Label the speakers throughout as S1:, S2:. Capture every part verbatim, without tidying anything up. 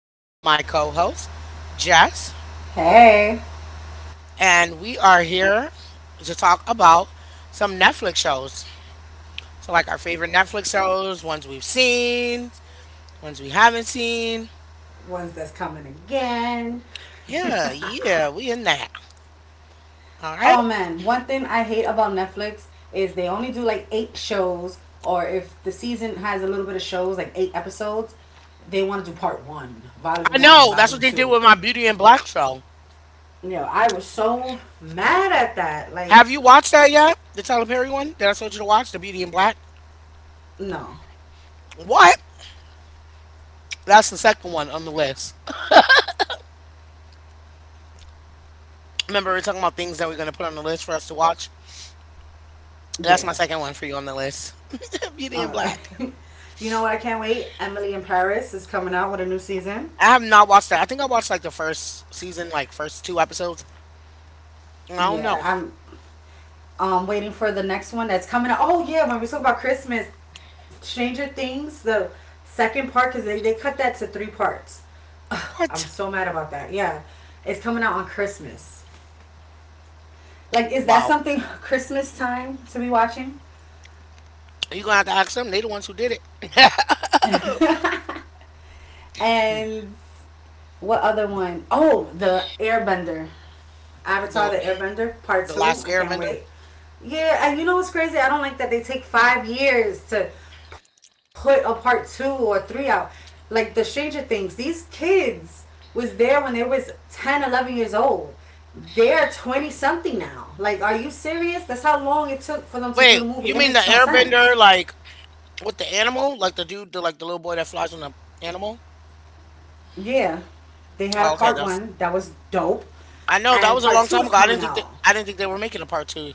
S1: I'm here with my co host, Jess,
S2: Hey,
S1: and we are here to talk about some Netflix shows. So, like our favorite Netflix shows, ones we've seen, ones we haven't seen.
S2: ones that's coming again.
S1: Yeah, yeah, we in that. All right.
S2: Oh man, one thing I hate about Netflix is they only do like eight shows, or if the season has a little bit of shows, like eight episodes, they want to do part one, volume
S1: I
S2: one,
S1: know that's what
S2: volume
S1: they did
S2: two.
S1: with my Beauty and Black show.
S2: You know, I was so mad at that. Like,
S1: Have you watched that yet? The Tyler Perry one that I told you to watch, the Beauty and Black.
S2: no.
S1: What? That's the second one on the list. Remember, we are talking about things that we're going to put on the list for us to watch. That's my
S2: Yeah.
S1: second one for you on the list. Beauty in
S2: Alright.
S1: Black.
S2: You know what I can't wait? Emily in Paris is coming out with a new season.
S1: I have not watched that. I think I watched like the first season, like first two episodes. I don't know.
S2: Yeah, I'm um waiting for the next one that's coming out. Oh yeah, when we talk about Christmas, Stranger Things, the second part, because they, they cut that to three parts. Ugh, I'm
S1: What?
S2: so mad about that. Yeah. It's coming out on Christmas. Like, is that
S1: Wow.
S2: something Christmas time to be watching?
S1: you going to have to ask them. They the ones who did it.
S2: And what other one? Oh, the Airbender. Avatar:
S1: the,
S2: The Airbender Part
S1: the
S2: Two.
S1: last
S2: I can't
S1: airbender.
S2: wait. Yeah, and you know what's crazy? I don't like that they take five years to put a part two or three out. Like the Stranger Things, these kids was there when they was ten, eleven years old. They're twenty something now. Like, are you serious? That's how long it took for them to
S1: Wait,
S2: do the
S1: you
S2: movie. It
S1: mean the
S2: makes no
S1: airbender,
S2: sense.
S1: like with the animal? Like the dude, the, like the little boy that flies on the animal?
S2: Yeah. They had a part one
S1: Oh, okay.
S2: that was
S1: That's.
S2: dope. And
S1: I
S2: part
S1: know that
S2: two
S1: was
S2: is
S1: a long
S2: coming
S1: time ago. I
S2: out.
S1: didn't think that I didn't think they were making a part two.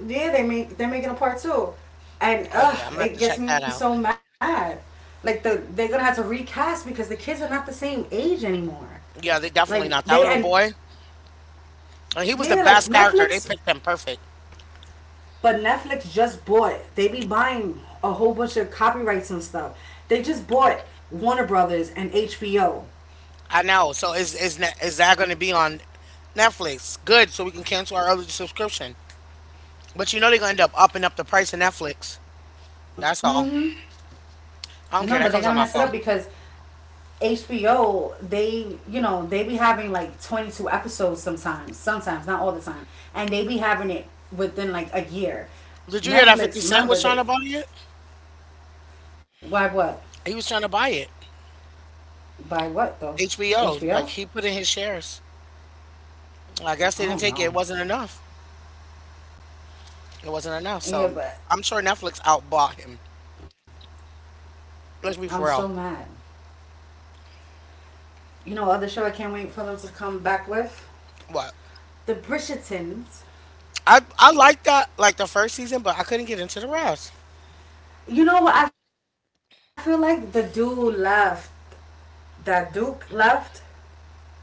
S2: Yeah, they make they're making a part two, and
S1: Oh yeah, I'm
S2: ugh,
S1: gonna have to
S2: it
S1: check
S2: gets me
S1: that out.
S2: so mad. Like the they're gonna have to recast because the kids are not the same age anymore.
S1: Yeah, they
S2: Like
S1: definitely
S2: they.
S1: not that
S2: And
S1: little boy. And he
S2: yeah,
S1: was the
S2: like
S1: best character.
S2: Netflix,
S1: They picked him perfect.
S2: but Netflix just bought. They be buying a whole bunch of copyrights and stuff. They just bought Warner Brothers and H B O.
S1: I know. So is is ne- is that going to be on Netflix? Good. So we can cancel our other subscription. But you know they're going to end up upping up the price of Netflix. That's all.
S2: Mm-hmm.
S1: I don't care.
S2: No,
S1: That
S2: but they're
S1: comes on
S2: gonna
S1: my
S2: mess it
S1: phone.
S2: up because H B O, they, you know, they be having like twenty-two episodes sometimes, sometimes, not all the time. And they be having it within like a year.
S1: Did you hear that fifty
S2: Netflix,
S1: Cent was
S2: remember,
S1: trying
S2: they,
S1: to buy it?
S2: why, what?
S1: He was trying to buy it.
S2: By what though?
S1: H B O. Like
S2: H B O?
S1: he put in his shares. I guess they
S2: Oh
S1: didn't take it. It
S2: no.
S1: wasn't enough. It wasn't enough.
S2: Yeah,
S1: So
S2: but
S1: I'm sure Netflix outbought him. Let's
S2: I'm
S1: be for
S2: so
S1: real.
S2: mad. You know, other show I can't wait for them to come back with?
S1: What?
S2: The Bridgertons.
S1: I I liked that like the first season, but I couldn't get into the rest.
S2: You know what? I feel like the dude left, that Duke left,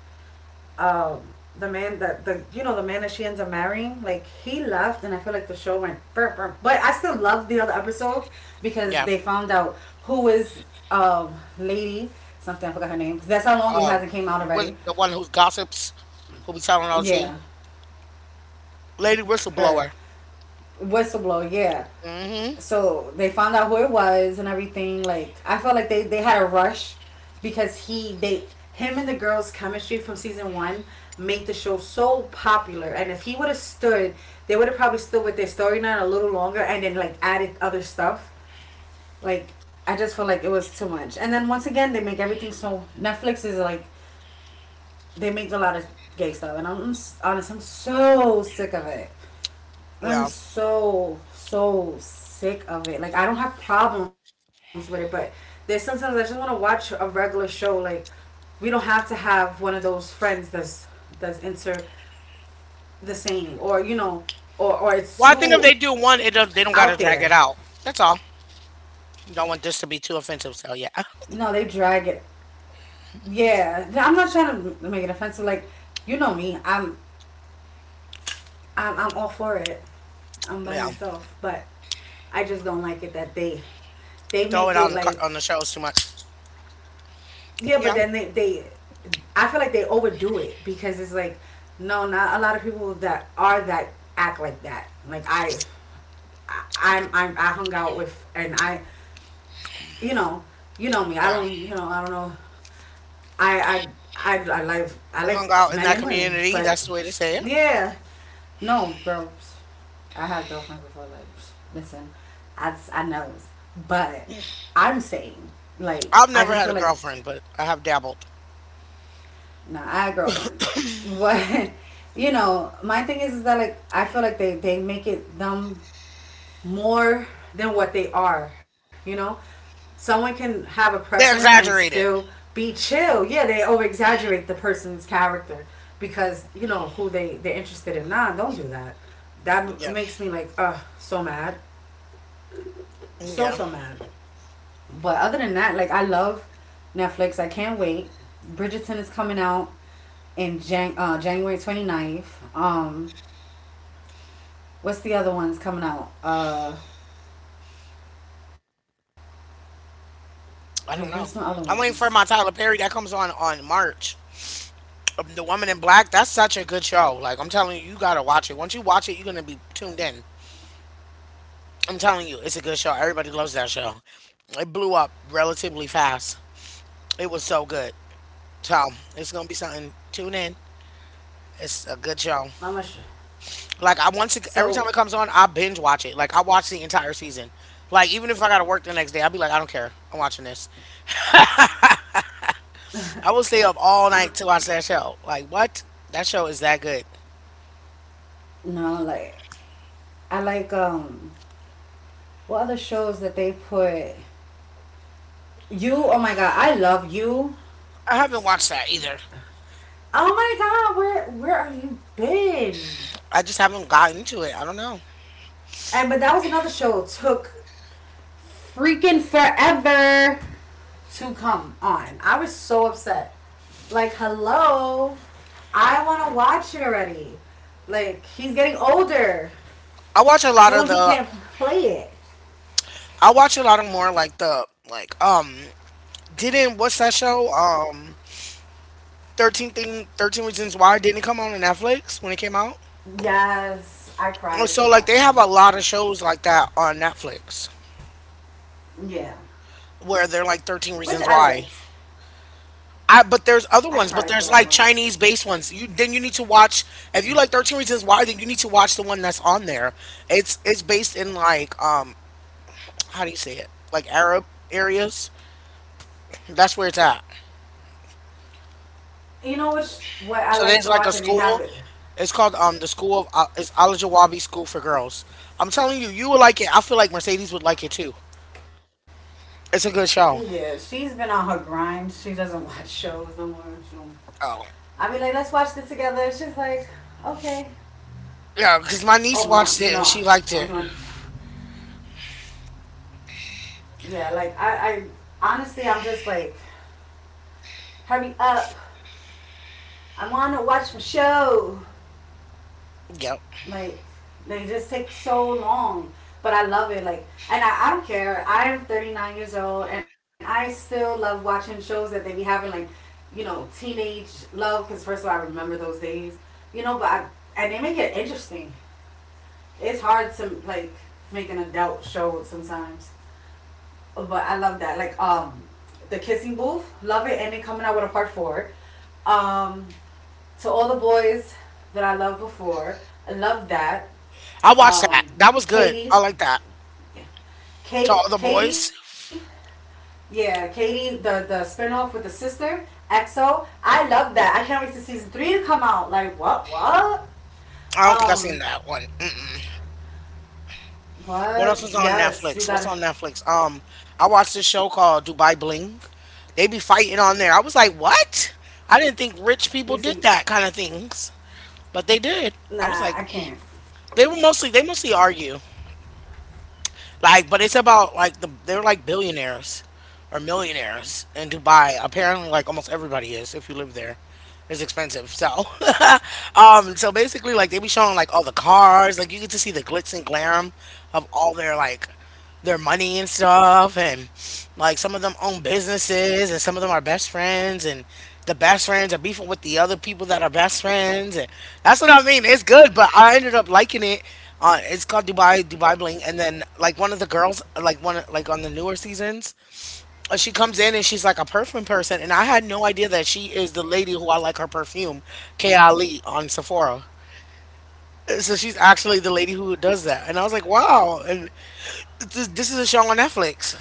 S2: um, the man that the you know the man that she ends up marrying, like he left, and I feel like the show went burp, burp. But I still love the other episodes because
S1: Yeah.
S2: they found out who is, um lady something. I forgot her name, because that's how long it
S1: um,
S2: hasn't came out
S1: with
S2: already.
S1: the one who gossips, who be telling all the tea,
S2: Yeah,
S1: lady whistleblower.
S2: her whistleblower. Yeah,
S1: Hmm.
S2: so they found out who it was and everything. Like I felt like they they had a rush because he they him and the girl's chemistry from season one make the show so popular, and if he would have stood, they would have probably stood with their storyline a little longer and then like added other stuff. Like I just feel like it was too much. And then once again, they make everything, so Netflix is like, they make a lot of gay stuff, and i'm, honest, I'm so sick of it. I'm
S1: Yeah.
S2: so, so sick of it. Like I don't have problems with it, but there's sometimes I just want to watch a regular show. Like we don't have to have one of those friends that's that's into the same, or you know, or or
S1: Well, I think
S2: it's
S1: if they do
S2: too
S1: one, it don't, they don't gotta drag it
S2: out
S1: out.
S2: there.
S1: That's all. Don't want this to be too offensive,
S2: No,
S1: so
S2: they
S1: yeah,
S2: drag it. Yeah, I'm not trying to make it offensive. Like you know me, I'm I'm I'm all for it. I'm by
S1: yeah.
S2: myself, but I just don't like it that they they
S1: Throw
S2: make
S1: it
S2: it
S1: on the car-
S2: like.
S1: on the shows too much.
S2: Yeah, but
S1: Yeah,
S2: then they they, I feel like they overdo it, because it's like, no, not a lot of people that are that act like that. Like I, I I'm, I'm I hung out with, and I, you know, you know me. I
S1: yeah.
S2: don't, you know I don't know. I I I, I like, I
S1: You
S2: like
S1: hung out in
S2: men
S1: that
S2: and women,
S1: community.
S2: but
S1: That's the way to say it.
S2: yeah, no girls. I had girlfriends before. Like, listen, I I know, but I'm saying, like
S1: I've
S2: I
S1: never
S2: just
S1: had
S2: feel
S1: a
S2: like.
S1: girlfriend, but I have dabbled.
S2: Nah, I had a girlfriend. But you know, my thing is, is that like I feel like they they make it them more than what they are. You know, someone can have a preference
S1: They
S2: and
S1: exaggerate
S2: still
S1: it.
S2: be chill. Yeah, they over exaggerate the person's character because you know who they they're interested in. Nah, don't do that. That
S1: Yeah,
S2: makes me like uh so mad, so,
S1: yeah.
S2: so mad. But other than that, like I love Netflix. I can't wait. Bridgerton is coming out in Jan- uh, January 29th. Um, what's the other ones coming out? Uh, wait, where's
S1: I
S2: my
S1: don't
S2: other
S1: know.
S2: ones?
S1: I'm waiting for my Tyler Perry that comes on on March. um, The Woman in Black, that's such a good show. Like, I'm telling you, you gotta watch it. Once you watch it, you're gonna be tuned in. I'm telling you, it's a good show. Everybody loves that show. It blew up relatively fast. It was so good. So, it's gonna be something. Tune in. It's a good show.
S2: I'm not sure.
S1: Like, I once, it, every
S2: So
S1: time it comes on, I binge watch it. Like, I watch the entire season. Like, even if I gotta work the next day, I'll be like, I don't care. I'm watching this. I will stay up all night to watch that show. Like, what? That show is that good.
S2: no, like I like, um, what other shows that they put? You, oh my god, I love you.
S1: I haven't watched that either.
S2: Oh my god, where, where have you been?
S1: I just haven't gotten into it. I don't know.
S2: And but that was another show, took freaking forever to come on. I was so upset. Like, hello, I want to watch it already. Like, he's getting older.
S1: I watch a lot of
S2: Soon he
S1: the.
S2: can't play it.
S1: I watch a lot of more, like, the like um didn't, what's that show? Um thirteen thing, thirteen reasons why, didn't it come on Netflix when it came out?
S2: Yes, I cried
S1: And
S2: for
S1: so,
S2: that
S1: like, they
S2: one.
S1: have a lot of shows like that on Netflix
S2: Yeah.
S1: where they're like thirteen
S2: Which
S1: reasons
S2: I
S1: why.
S2: liked.
S1: I But there's other
S2: I
S1: ones,
S2: cried
S1: but
S2: for
S1: there's
S2: that
S1: like
S2: one.
S1: Chinese based ones. You Then you need to watch, if you like thirteen reasons why, then you need to watch the one that's on there. It's it's based in, like, um how do you say it, like, Arab areas. That's where it's at.
S2: You know which, what I
S1: So
S2: like
S1: there's
S2: to
S1: like a
S2: watch and they have
S1: school.
S2: it.
S1: It's called, um the school of Al- it's Al Jawabi School for Girls. I'm telling you, you will like it. I feel like Mercedes would like it too. It's a good show.
S2: Yeah, she's been on her grind. She doesn't watch shows no more. So.
S1: Oh
S2: I mean, like let's watch this together. She's like, okay.
S1: yeah, because my niece
S2: Oh
S1: watched
S2: mom, you
S1: it and
S2: know,
S1: she liked
S2: I'm
S1: it.
S2: doing, yeah, like I, I honestly I'm just like, hurry up. I wanna watch my show.
S1: Yep,
S2: Like they just take so long. But I love it, like and I, I don't care. I'm thirty-nine years old and I still love watching shows that they be having, like, you know, teenage love, because first of all I remember those days. You know, but I, and they make it interesting. It's hard to like make an adult show sometimes. But I love that. Like, um, the kissing booth, love it, and they coming out with a part four. Um, to all the boys that I loved before, I love that.
S1: I watched that.
S2: Um,
S1: That was good. I like
S2: Katie,
S1: that. To all the
S2: Kate,
S1: boys.
S2: Katie, yeah, Katie, the the spinoff with the sister E X O. I love that. I can't wait to season three to come out. Like what? What?
S1: I don't think I've seen
S2: Um,
S1: that one. Mm-mm. What else
S2: what?
S1: was on Netflix?
S2: Yes, you
S1: What's on
S2: gotta.
S1: Netflix? Um, I watched this show called Dubai Bling. They be fighting on there. I was like, what? I didn't think rich
S2: You
S1: people did
S2: see,
S1: that kind of things, but they did. I was
S2: nah,
S1: like,
S2: I can't.
S1: they were mostly they mostly argue. Like, but it's about like the they're like billionaires or millionaires in Dubai. Apparently, like almost everybody is if you live there. It's expensive, so um, so basically, like they be showing like all the cars, like you get to see the glitz and glam of all their like their money and stuff, and like some of them own businesses and some of them are best friends and the best friends are beefing with the other people that are best friends, and that's what I mean. It's good, but I ended up liking it. Uh, it's called Dubai Dubai Bling, and then like one of the girls, like one of- like on the newer seasons, uh, she comes in and she's like a perfume person, and I had no idea that she is the lady who I like her perfume, K. Ali on Sephora. So she's actually the lady who does that. And I was like, wow. And this, this is a show on Netflix.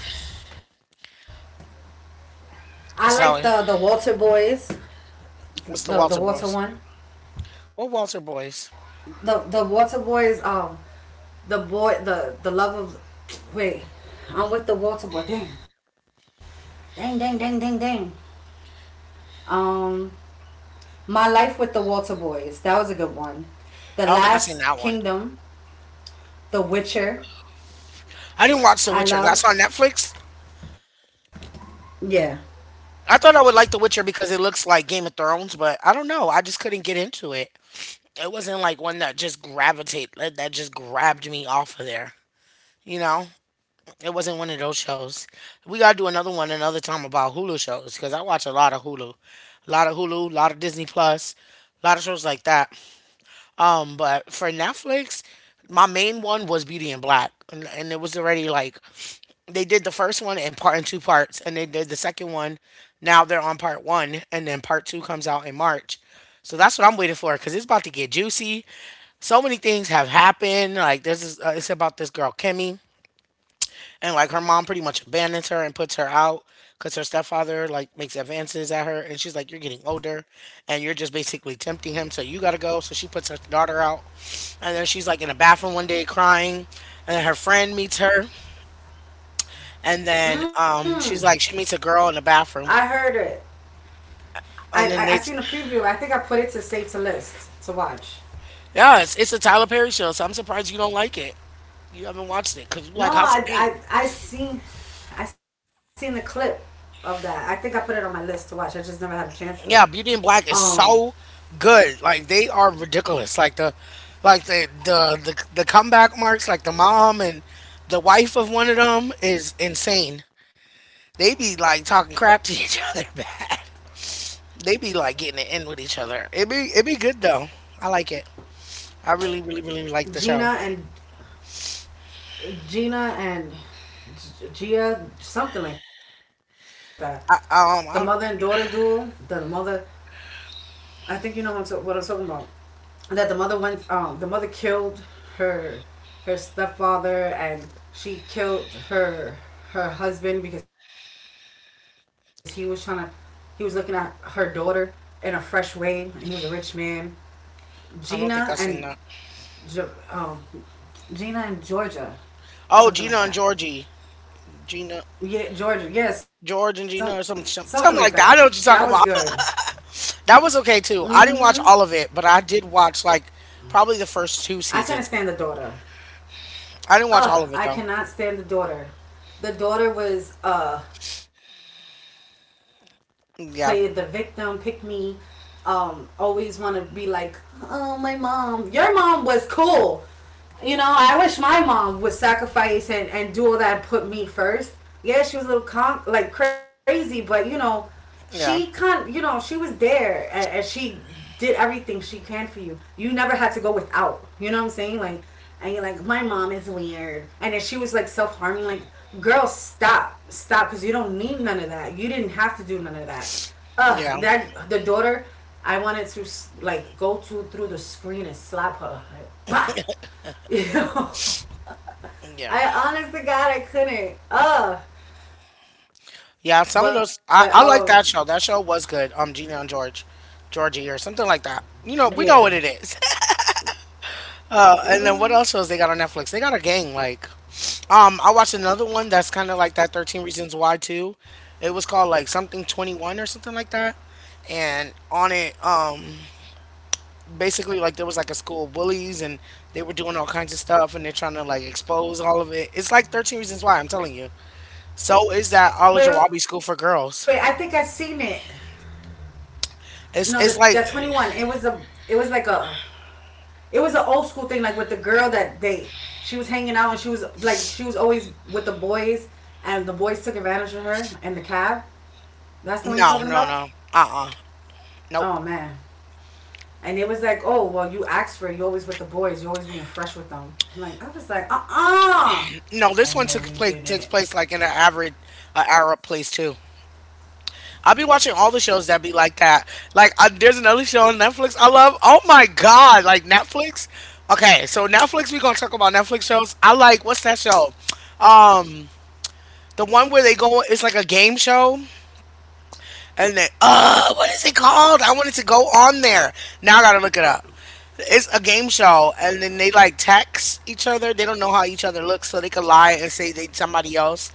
S2: I like the the
S1: Sally,
S2: Walter boys, the the
S1: what's the
S2: Walter
S1: Walter
S2: one.
S1: Boys? What Walter Boys?
S2: The the water boys, um the boy the the love of, wait, I'm with the water boy. Dang, dang, dang, dang, dang, dang, um my life with the water boys, that was a good one. The
S1: I don't think I've seen
S2: Last
S1: that one.
S2: Kingdom. The Witcher.
S1: I didn't watch The Witcher.
S2: I
S1: That's on
S2: loved.
S1: Netflix.
S2: Yeah.
S1: I thought I would like The Witcher because it looks like Game of Thrones, but I don't know. I just couldn't get into it. It wasn't like one that just gravitate that that just grabbed me off of there. You know, it wasn't one of those shows. We gotta do another one another time about Hulu shows, because I watch a lot of Hulu, a lot of Hulu, a lot of Disney Plus, a lot of shows like that. Um, but for Netflix, my main one was Beauty and Black, and, and it was already like they did the first one in part in two parts, and they did the second one. Now they're on part one, and then part two comes out in March. So that's what I'm waiting for, because it's about to get juicy. So many things have happened. Like there's this, uh, it's about this girl Kimmy, and like her mom pretty much abandons her and puts her out because her stepfather like makes advances at her, and she's like, "You're getting older, and you're just basically tempting him, so you gotta go." So she puts her daughter out, and then she's like in a bathroom one day crying, and then her friend meets her, and then um
S2: Mm,
S1: she's like she meets a girl in the
S2: I
S1: bathroom,
S2: heard it. I
S1: and
S2: I, I
S1: then
S2: seen a
S1: it's,
S2: preview, I think I put it to save to list to watch.
S1: yeah, it's, it's a Tyler Perry show, so I'm surprised you don't like it. You haven't watched it because you like
S2: No,
S1: House of
S2: I
S1: Pain.
S2: I I seen, I seen the clip of that. I think I put it on my list to watch, I just never had a chance to.
S1: Yeah, Beauty and Black is
S2: um
S1: so good. Like, they are ridiculous. Like the, like the the the, the comeback marks, like the mom and the wife of one of them is insane. They be like talking crap to each other. Bad. They be like getting it in with each other. It be it be good though. I like it. I really really really like the
S2: Gina
S1: show.
S2: and, Gina and Gia, something like that. The mother
S1: I
S2: and daughter
S1: um I,
S2: duel. The mother, I think you know what I'm, ta- what I'm talking about. That the mother went, um, the mother killed her, her stepfather, and she killed her, her husband because he was trying to, he was looking at her daughter in a fresh way. And he was a rich man. Gina and,
S1: I don't think I seen that.
S2: Ge- um, Gina and Georgia, something like
S1: Oh,
S2: that.
S1: Gina and Georgie, Gina,
S2: Yeah, Georgia. Yes, yeah, some,
S1: George and
S2: something like
S1: Gina or
S2: that.
S1: some some-
S2: That
S1: something
S2: was
S1: like that. I
S2: good.
S1: know what you're talking about. That was okay
S2: Mm-hmm.
S1: too. I didn't watch all of it, but I did watch like probably the first
S2: I
S1: two
S2: couldn't stand the
S1: seasons.
S2: daughter.
S1: I didn't watch
S2: Ugh,
S1: all of
S2: I
S1: it though.
S2: cannot stand the daughter. The daughter was uh played the victim, pick me.
S1: Yeah,
S2: Um, always want to be like, oh my mom. Your mom was cool. You know, I wish my mom would sacrifice and, and do all that and put me first. Yeah, she was a little con- like crazy, but you know, she can, you know, she was
S1: yeah,
S2: there, and, and she did everything she can for you. You never had to go without. You know what I'm saying? Like, and you're like, my mom is weird. And then she was like self harming. Like, girl, stop, stop, because you don't need none of that. You didn't have to do none of that. Uh,
S1: yeah,
S2: that the daughter, I wanted to like go to through the screen and slap her. Like, bah! You know?
S1: yeah,
S2: I honest to God, I couldn't. Uh, but
S1: yeah. Some of
S2: um,
S1: those, I, I like that show. That show was good. Um, Gina and George, Georgie or something like that. You
S2: Yeah.
S1: know, we know what it is. Uh, and then
S2: Mm.
S1: what else shows they got on Netflix? They got a gang, like, um I watched another one that's kind of like that thirteen Reasons Why too. It was called like something twenty-one or something like that. And on it, um basically like there was like a school of bullies, and they were doing all kinds of stuff and they're trying to like expose all of it. It's like thirteen Reasons Why, I'm telling you. So is that All of
S2: Wait, wait. I
S1: Jawabi
S2: think
S1: School
S2: I
S1: for
S2: seen it.
S1: Girls.
S2: No, the that twenty one.
S1: It's
S2: It
S1: it's
S2: was
S1: like,
S2: a. It was like a. It was an old school thing, like with the girl that they. She was hanging out and she was like she was always with the boys, and the boys took advantage of her in the cab. That's the one you're talking about.
S1: no, no, no. Uh-uh.
S2: Oh
S1: Nope.
S2: man. And it was like, oh, well, you asked for it. You're always with the boys. You're always being fresh with them. I'm like, I was like, uh-uh.
S1: No, this one
S2: Oh
S1: took
S2: no,
S1: place
S2: they
S1: takes place
S2: didn't.
S1: like in an average uh, Arab place too. I've been watching all the shows that be like that. Like, uh, there's another show on Netflix I love. Oh my God. Like, Netflix. Okay, so Netflix, we going to talk about Netflix shows. I like, what's that show? Um, The one where they go, it's like a game show. And they, uh, what is it called? I wanted to go on there. Now I got to look it up. It's a game show. And then they like text each other. They don't know how each other looks, so they could lie and say they somebody else.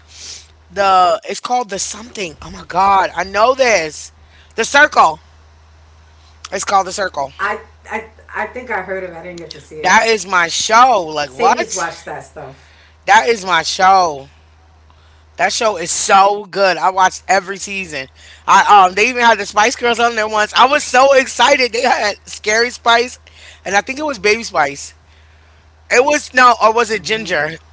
S1: The, it's called The Something. Oh my God. I know this. The Circle. It's called The Circle.
S2: I, I, I think I heard of it. I didn't get to see
S1: That
S2: it.
S1: is my show. Like what?
S2: Sadie's watched that stuff.
S1: That is my show. That show is so good. I watched every season. I um they even had the Spice Girls on there once. I was so excited. They had Scary Spice and I think it was Baby Spice. It was no, or was it Ginger?
S2: Mm.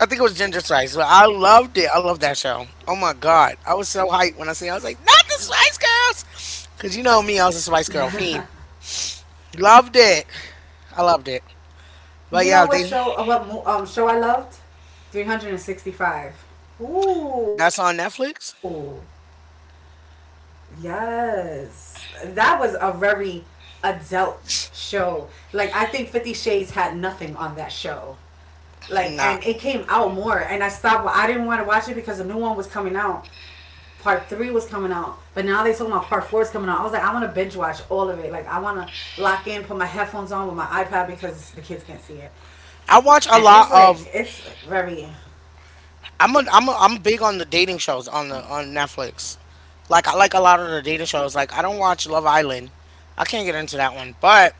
S1: I think it was Ginger Spice. But I loved it. I loved that show. Oh my god. I was so hyped when I seen it. I was like, not the Spice Girls. Cause you know me, I was a Spice Girl fiend. Loved it. I loved it.
S2: You
S1: But
S2: know
S1: yeah,
S2: what
S1: they
S2: show, uh, what um, show I loved? three sixty-five.
S1: that's
S2: Ooh,
S1: on Netflix.
S2: yes. That was a very adult show. Like, I think Fifty Shades had nothing on that show. Like,
S1: Nah,
S2: and it came out more, and I stopped. I didn't want to watch it because the new one was coming out. Part three was coming out, but now they talking about part four is coming out. I was like, I want to binge watch all of it. Like, I want to lock in, put my headphones on with my iPad because the kids can't see it,
S1: I watch a lot
S2: and it's
S1: of.
S2: like it's like very,
S1: I'm a, I'm a, I'm big on the dating shows on the on Netflix. Like I like a lot of the dating shows. Like I don't watch Love Island. I can't get into that one, but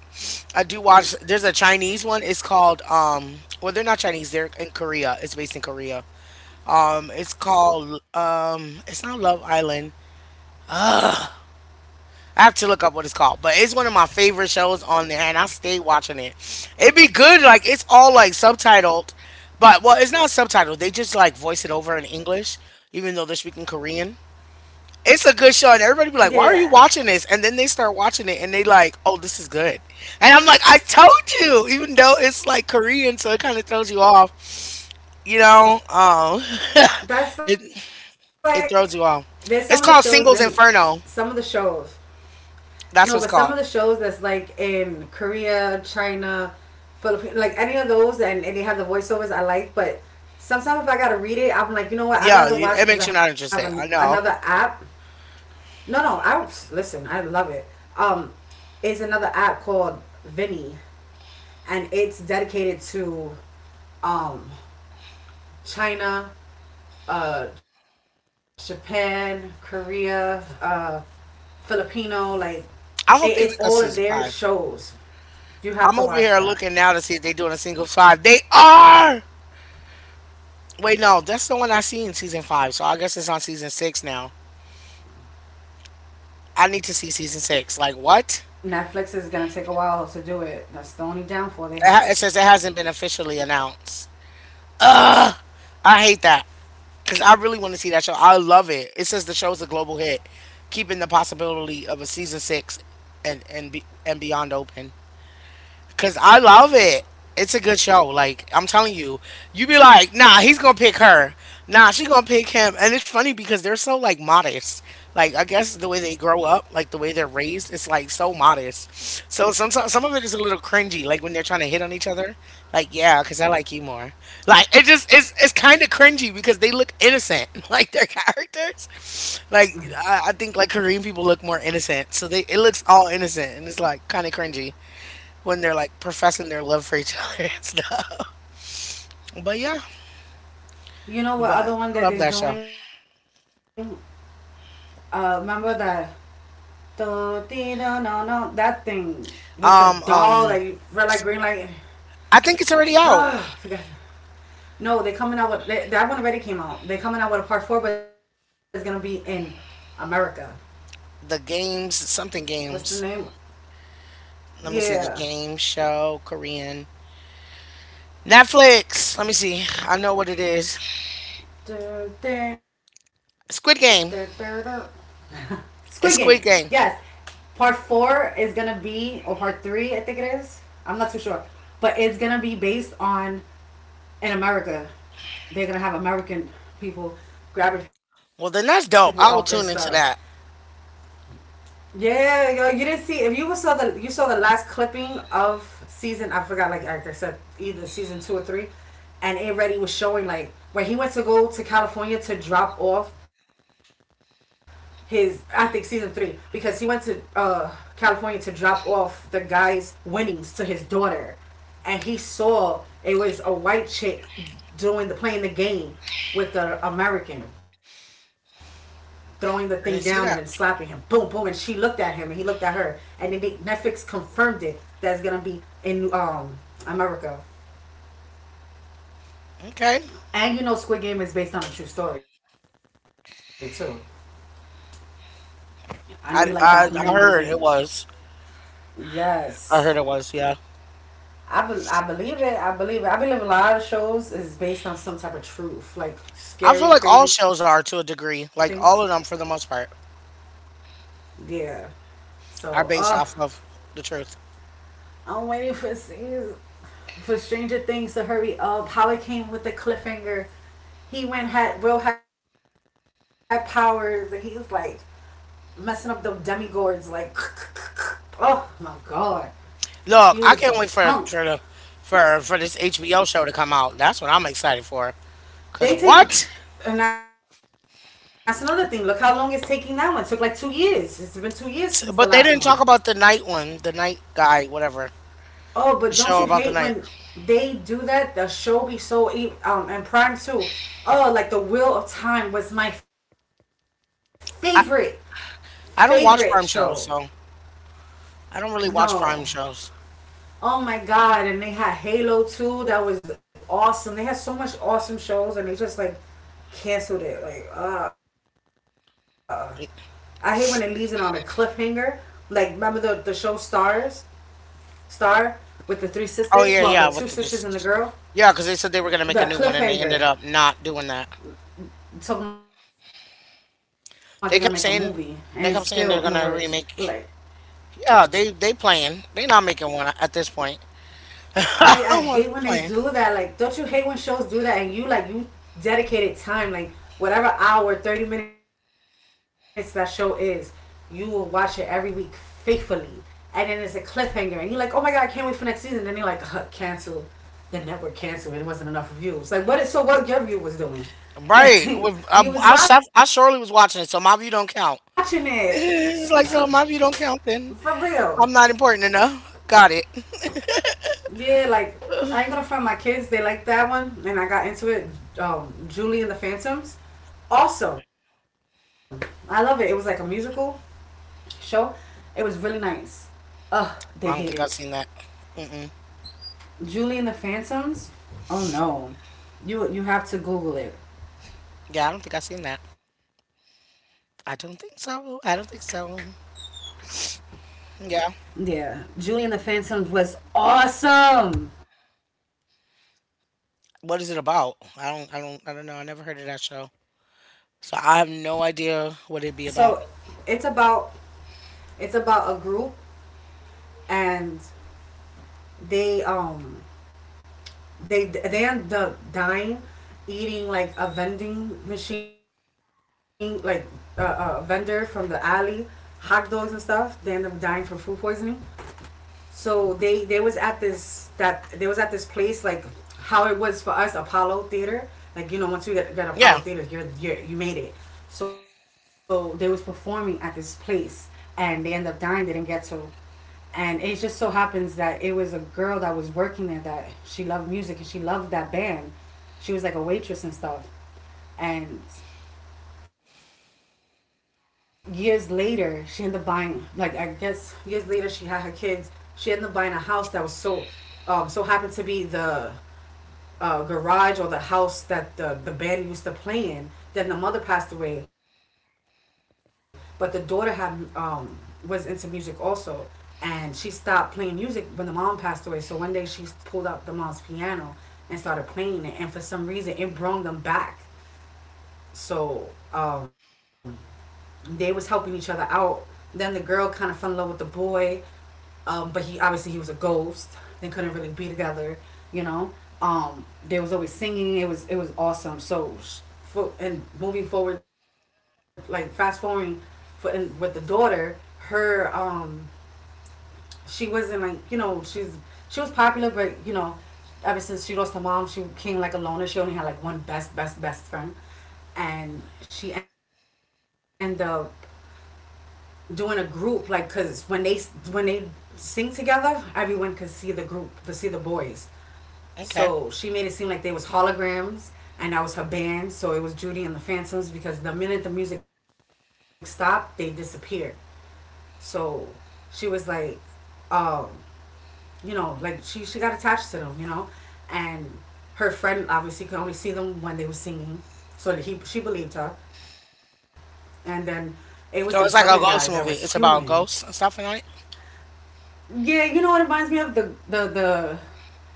S1: I do watch. There's a Chinese one. It's called um. Well, they're not Chinese. They're in Korea. It's based in Korea. Um, it's called um. It's not Love Island. I have to look up what it's called, but it's one of my favorite shows on there, and I stay watching it. It'd be good, like it's all like subtitled, but well, it's not subtitled. They just like voice it over in English, even though they're speaking Korean. It's a good show, and everybody be like, "Why are you
S2: yeah.
S1: watching this?" And then they start watching it, and they like, "Oh, this is good." And I'm like, "I told you," even though it's like Korean, so it kind of throws you off, you know. Um, it
S2: That's
S1: it
S2: like
S1: throws you off.
S2: there's some of
S1: It's
S2: the
S1: called
S2: shows.
S1: Singles
S2: Then
S1: Inferno.
S2: some of the shows.
S1: That's what it's
S2: No, but
S1: called.
S2: some of the shows that's like in Korea, China, Philippines, like any of those, and, and they have the voiceovers I like. But sometimes if I gotta read it, I'm like, you
S1: Yeah,
S2: know what? I'd
S1: it
S2: rather
S1: makes you
S2: watch
S1: not
S2: because I
S1: interested.
S2: have
S1: I
S2: an,
S1: know.
S2: another app. No, no, I listen. I love it. Um, it's another app called Vinny, and it's dedicated to um China, uh, Japan, Korea, uh, Filipino. Like it,
S1: I hope they make a
S2: it's
S1: season
S2: all of
S1: five.
S2: their shows.
S1: I'm over
S2: You
S1: here
S2: have to
S1: looking
S2: watch
S1: now to
S2: that.
S1: see if they doing a single five. They are. Wait, no, that's the one I see in season five. So I guess it's on season six now. I need to see season six. Like what?
S2: Netflix is gonna take a while to do it. That's the only downfall
S1: It,
S2: they
S1: ha- it says
S2: have.
S1: it hasn't been officially announced. I hate that because I really want to see that show. I love it. It says the show is a global hit, keeping the possibility of a season six and and be, and beyond open. Cause I love it. It's a good show. Like I'm telling you, you be like, nah, he's gonna pick her. Nah, she gonna pick him. And it's funny because they're so like modest. Like I guess the way they grow up, like the way they're raised, it's like so modest. So sometimes some of it is a little cringy. Like when they're trying to hit on each other. Like yeah, cause I like you more. Like it just it's it's kind of cringy because they look innocent. Like their characters. Like I, I think like Korean people look more innocent. So they it looks all innocent and it's like kind of cringy when they're like professing their love for each other and stuff. But yeah,
S2: You know what
S1: but
S2: other one
S1: I
S2: that
S1: love
S2: they're
S1: that show.
S2: doing? Uh, remember that do dee da no no that thing with the doll that you
S1: Um,
S2: red light
S1: um,
S2: green light.
S1: I think it's already
S2: Ah, forgot
S1: out.
S2: that. No, they coming out with they, that one already came out. They coming out with a part four, but it's gonna be in America.
S1: The games,
S2: What's the
S1: something
S2: name?
S1: games.
S2: Yeah.
S1: Let me see the game show Korean Netflix. Let me see. I know what it is.
S2: Dur, dur, dur, dur, dur.
S1: Squid Game.
S2: Squid Game. Yes.
S1: It's Squid
S2: Part
S1: Game.
S2: four is gonna be, or part three, I think it is. I'm not too sure, but it's gonna be based on in America. They're gonna have American people grabbing people up and
S1: Well,
S2: stuff.
S1: then that's dope. I will tune into that.
S2: Yeah, yo, you didn't see if you saw the you saw the last clipping of season. I forgot, like, like I said, either season two or three, and it already was showing like when he went to go to California to drop off his. I think season three because he went to uh California to drop off the guy's winnings to his daughter, and he saw it was a white chick doing the playing the game with the American throwing the thing down and then slapping him.
S1: I didn't
S2: Boom,
S1: see
S2: boom. And
S1: that.
S2: she looked at him and he looked at her. And then Netflix confirmed it that's gonna be in um America.
S1: Okay.
S2: And you know, Squid Game is based on a true story too. I know you like
S1: I
S2: documentaries
S1: I,
S2: and
S1: I heard it was.
S2: yes,
S1: I heard it was. Yeah.
S2: I be- I believe it. I believe it. I believe a lot of shows is based on some type of truth, like
S1: I feel
S2: scary,
S1: like
S2: crazy
S1: all shows
S2: things.
S1: are to a degree. Like all of them, for the most part,
S2: Yeah. So,
S1: are
S2: uh,
S1: based off of the truth.
S2: I'm waiting for season, for Stranger Things to hurry up, how it came with the cliffhanger. He went had Will had powers and he's like messing up the demigords like oh my god. He was
S1: Look,
S2: the
S1: I can't wait
S2: punk.
S1: for for the, for for this H B O show to come out. That's what I'm excited for. Cause
S2: They take,
S1: what?
S2: and that's another thing. Look how long it's taking that one. It took like two years. It's been two years since the last one.
S1: But they didn't talk about the night one, the night guy, whatever.
S2: Oh, but
S1: The
S2: don't you
S1: show about the
S2: hate
S1: night.
S2: when they do that? The show be so um and Prime too. Oh, like the Wheel of Time was my favorite
S1: I
S2: favorite show.
S1: I don't watch prime shows, so I don't really watch
S2: No,
S1: prime shows.
S2: oh my god! And they had Halo too. That was awesome. They had so much awesome shows, and they just like canceled it. Like, uh, I hate when it leaves it on a cliffhanger. Like, remember the the show Stars Star with the three sisters? Well,
S1: Oh
S2: the
S1: yeah,
S2: two
S1: yeah, but
S2: sisters
S1: they
S2: and the
S1: just
S2: girl.
S1: yeah, because they said they were gonna make a
S2: The
S1: new one and they ended
S2: cliffhanger.
S1: up not doing that.
S2: I'm talking about they're gonna make a movie, and it's
S1: They kept
S2: still in
S1: saying
S2: the works.
S1: they kept saying they're
S2: Like,
S1: gonna remake. Yeah, they they playing. They not making one at this point. I'm only
S2: I I
S1: playing.
S2: hate when they do that. Like, don't you hate when shows do that and you like you dedicated time, like whatever hour, thirty minutes that show is, you will watch it every week faithfully, and then it's a cliffhanger, and you're like, oh my god, I can't wait for next season. And then you're like, uh, cancel. The network canceled, and it wasn't enough views. Like, what? Is, so what? Your view was doing,
S1: Right. With, I,
S2: like,
S1: I, s- I
S2: you was
S1: surely was
S2: watching
S1: watching it, so my
S2: it
S1: view don't count. It's like, so my view don't
S2: for
S1: count then.
S2: real.
S1: I'm not important enough. Got it.
S2: Yeah, like I ain't gonna find my kids. They like that one, and I got into it. Um, Julie and the Phantoms, awesome. I love it. It was like a musical show. It was really nice. Ugh,
S1: I
S2: they
S1: don't think
S2: hate
S1: I've
S2: it.
S1: seen that. Mm-mm.
S2: Julie and the Phantoms. Oh no, you you have to Google it.
S1: Yeah, I don't think I've seen that. I don't think so. I don't think so.
S2: Yeah,
S1: Yeah.
S2: Julie and the Phantoms was awesome.
S1: What is it about? I don't, I don't, I don't know. I never heard of that show. So I have no idea what it'd be about.
S2: So it's about it's about a group and they um They they end up dying, eating like a vending machine, like a, a vendor from the alley, hot dogs and stuff. They end up dying from food poisoning. So they they was at this that they was at this place like how it was for us Apollo Theater. Like you know, once you get, get Apollo Theater,
S1: Yeah.
S2: you're, you're you made it. So they was performing at this place, and they end up dying. They didn't get to, and it just so happens that it was a girl that was working there that she loved music and she loved that band. She was like a waitress and stuff, and years later, she ended up buying, like, I guess years later, she had her kids. She ended up buying a house that was so, um, so happened to be the uh, garage or the house that the, the band used to play in. Then the mother passed away, but the daughter had, um, was into music also. And she stopped playing music when the mom passed away. So one day she pulled out the mom's piano and started playing it. And for some reason, it brought them back. So, um, they was helping each other out. Then the girl kind of fell in love with the boy, um, but he obviously he was a ghost. They couldn't really be together, you know. Um, they was always singing. It was it was awesome. So, for, and moving forward, like fast forwarding, for and with the daughter, her um, she wasn't like you know she's she was popular, but you know, ever since she lost her mom, she became like a loner. She only had like one best best best friend, and she ended up doing a group like because when they when they sing together everyone could see the group to see the boys,
S1: Okay.
S2: so she made it seem like they was holograms and that was her band, so it was Judy and the Phantoms because the minute the music stopped they disappeared. So she was like um, you know, like she she got attached to them, you know, and her friend obviously could only see them when they were singing, so he she believed her. And then it was
S1: So it's
S2: this
S1: like a
S2: other
S1: ghost
S2: guy that
S1: movie. It's
S2: was
S1: about
S2: human.
S1: ghosts and stuff and all it.
S2: Yeah, you know what it reminds me of, the the the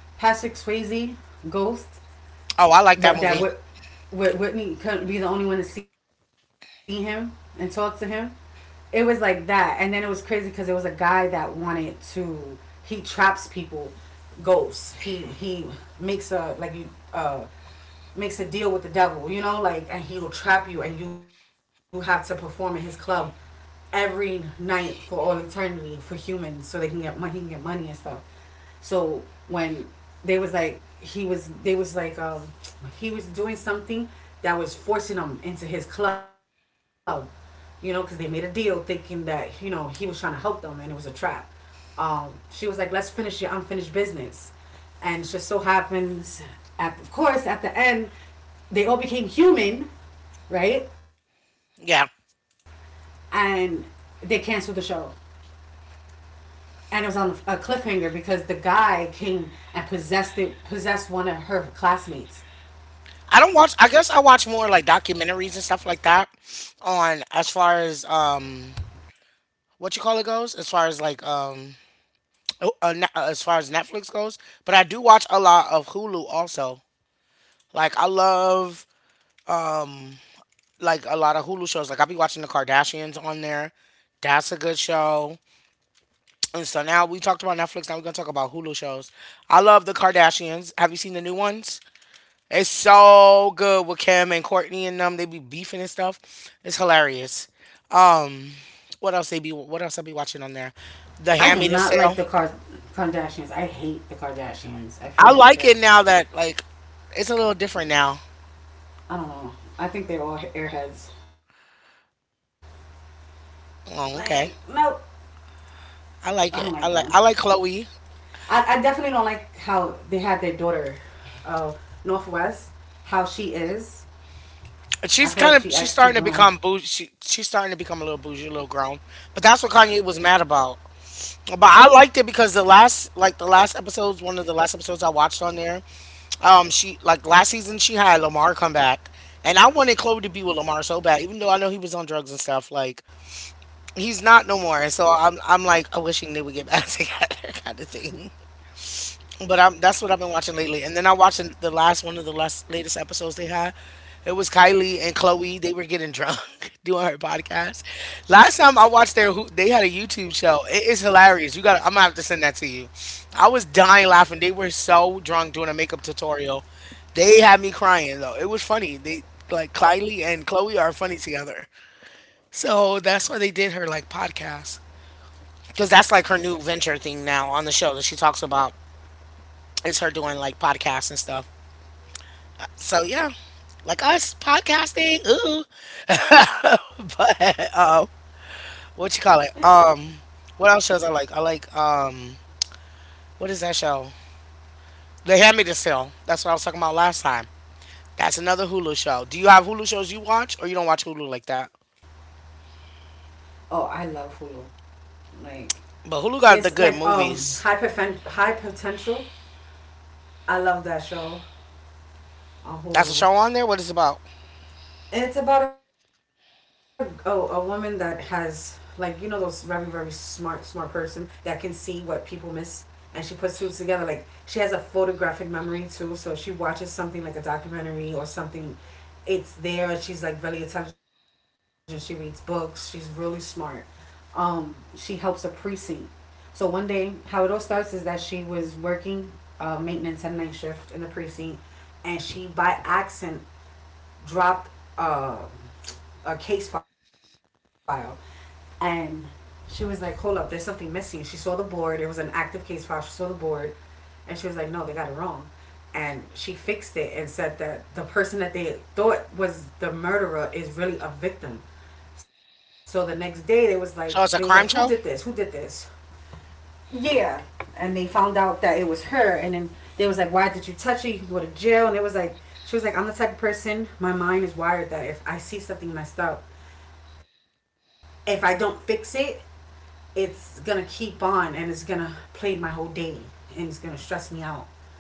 S2: Patrick Swayze
S1: Oh, I
S2: ghost,
S1: like that movie.
S2: but that Whit what Whitney couldn't be the only one to see him and talk to him. It was like that, and then it was crazy because it was a guy that wanted to. He traps people, ghosts. He he makes a like you uh makes a deal with the devil, you know, like, and he will trap you, and you have to perform at his club every night for all eternity for humans, so they can get money, he can get money and stuff. So when they was like, he was, they was like, um, he was doing something that was forcing them into his club, you know, because they made a deal thinking that you know he was trying to help them and it was a trap. Um, she was like, "Let's finish your unfinished business," and it just so happens, at of course, at the end, they all became human, right?
S1: Yeah.
S2: And they canceled the show. And it was on a cliffhanger because the guy came and possessed it, possessed one of her classmates.
S1: I don't watch. I guess I watch more like documentaries and stuff like that. On as far as um, what you call it goes, as far as like um, oh, uh, ne- uh, as far as Netflix goes. But I do watch a lot of Hulu also. Like I love um, like a lot of Hulu shows. Like I'll be watching the Kardashians on there. That's a good show. And so now we talked about Netflix. Now we're gonna talk about Hulu shows. I love the Kardashians. Have you seen the new ones? It's so good with Kim and Courtney and them. They be beefing and stuff. It's hilarious. Um, what else they be? What else I be watching on there? The Handmaid's the Sale.
S2: I do not like the Car- Kardashians. I
S1: I
S2: hate the
S1: like it now
S2: Kardashians.
S1: that
S2: I feel
S1: like
S2: like they're,
S1: it's a little different now.
S2: I don't know. I think they're all airheads.
S1: Oh, okay.
S2: Like, nope,
S1: I like
S2: I
S1: it.
S2: don't
S1: I
S2: like
S1: like I
S2: them.
S1: like Chloe.
S2: I, I definitely don't like how they had their daughter, uh, Northwest, how she is.
S1: She's kind of she's starting to
S2: I feel like
S1: become
S2: she
S1: bougie.
S2: acts
S1: She,
S2: too
S1: she's
S2: grown.
S1: starting to become a little bougie, a little grown. But that's what Kanye was mad about. But I liked it because the last like the last episodes, one of the last episodes I watched on there. Um, she like last season she had Lamar come back, and I wanted Chloe to be with Lamar so bad, even though I know he was on drugs and stuff. Like he's not no more, and so I'm I'm like I'm wishing they would get back together, kind of thing. But I'm that's what I've been watching lately. And then I watched the last one of the last latest episodes they had. It was Kylie and Chloe. They were getting drunk doing her podcast. Last time I watched their who they had a YouTube show. It is hilarious. You got to I'm gonna have to send that to you. I was dying laughing. They were so drunk doing a makeup tutorial. They had me crying though. It was funny. They like Kylie and Chloe are funny together. So that's why they did her like podcast. Because that's like her new venture thing now on the show that she talks about it's her doing like podcasts and stuff. So yeah, like us podcasting. Ooh, but um, what you call it? Um, what else shows I like? I like um, what is that show? They Hand Me the Sale. That's what I was talking about last time. That's another Hulu show. Do you have Hulu shows you watch, or you don't watch Hulu like that?
S2: Oh, I love Hulu.
S1: But
S2: Like,
S1: Hulu got the good
S2: there's
S1: movies.
S2: like um high, poten- high potential. I love that show
S1: That's a show on there. What is it
S2: on
S1: about?
S2: Hulu. And it's about a, a a woman that has like you know those very very smart smart person that can see what people miss, and she puts two together. Like she has a photographic memory too, so if she watches something like a documentary or something. It's there. She's like very intelligent. She reads books. She's really smart. Um, she helps a precinct. So one day, how it all starts is that she was working uh, maintenance at night shift in the precinct, and she by accident dropped uh, a case file, and she was like, "Hold up, there's something missing." She saw the board; it was an active case file. She saw the board, and she was like, "No, they got it wrong." And she fixed it and said that the person that they thought was the murderer is really a victim. So the next day they was like
S1: So it's a
S2: they was
S1: crime
S2: like, "Who
S1: show.
S2: did this? Who did this?" Yeah, and they found out that it was her, and then they was like, "Why did you touch her? You could go to jail." And it was like, she was like, "I'm the type of person. My mind is wired that if I see something messed up, if I don't fix it, it's gonna keep on and it's gonna plague my whole day and it's gonna stress me out.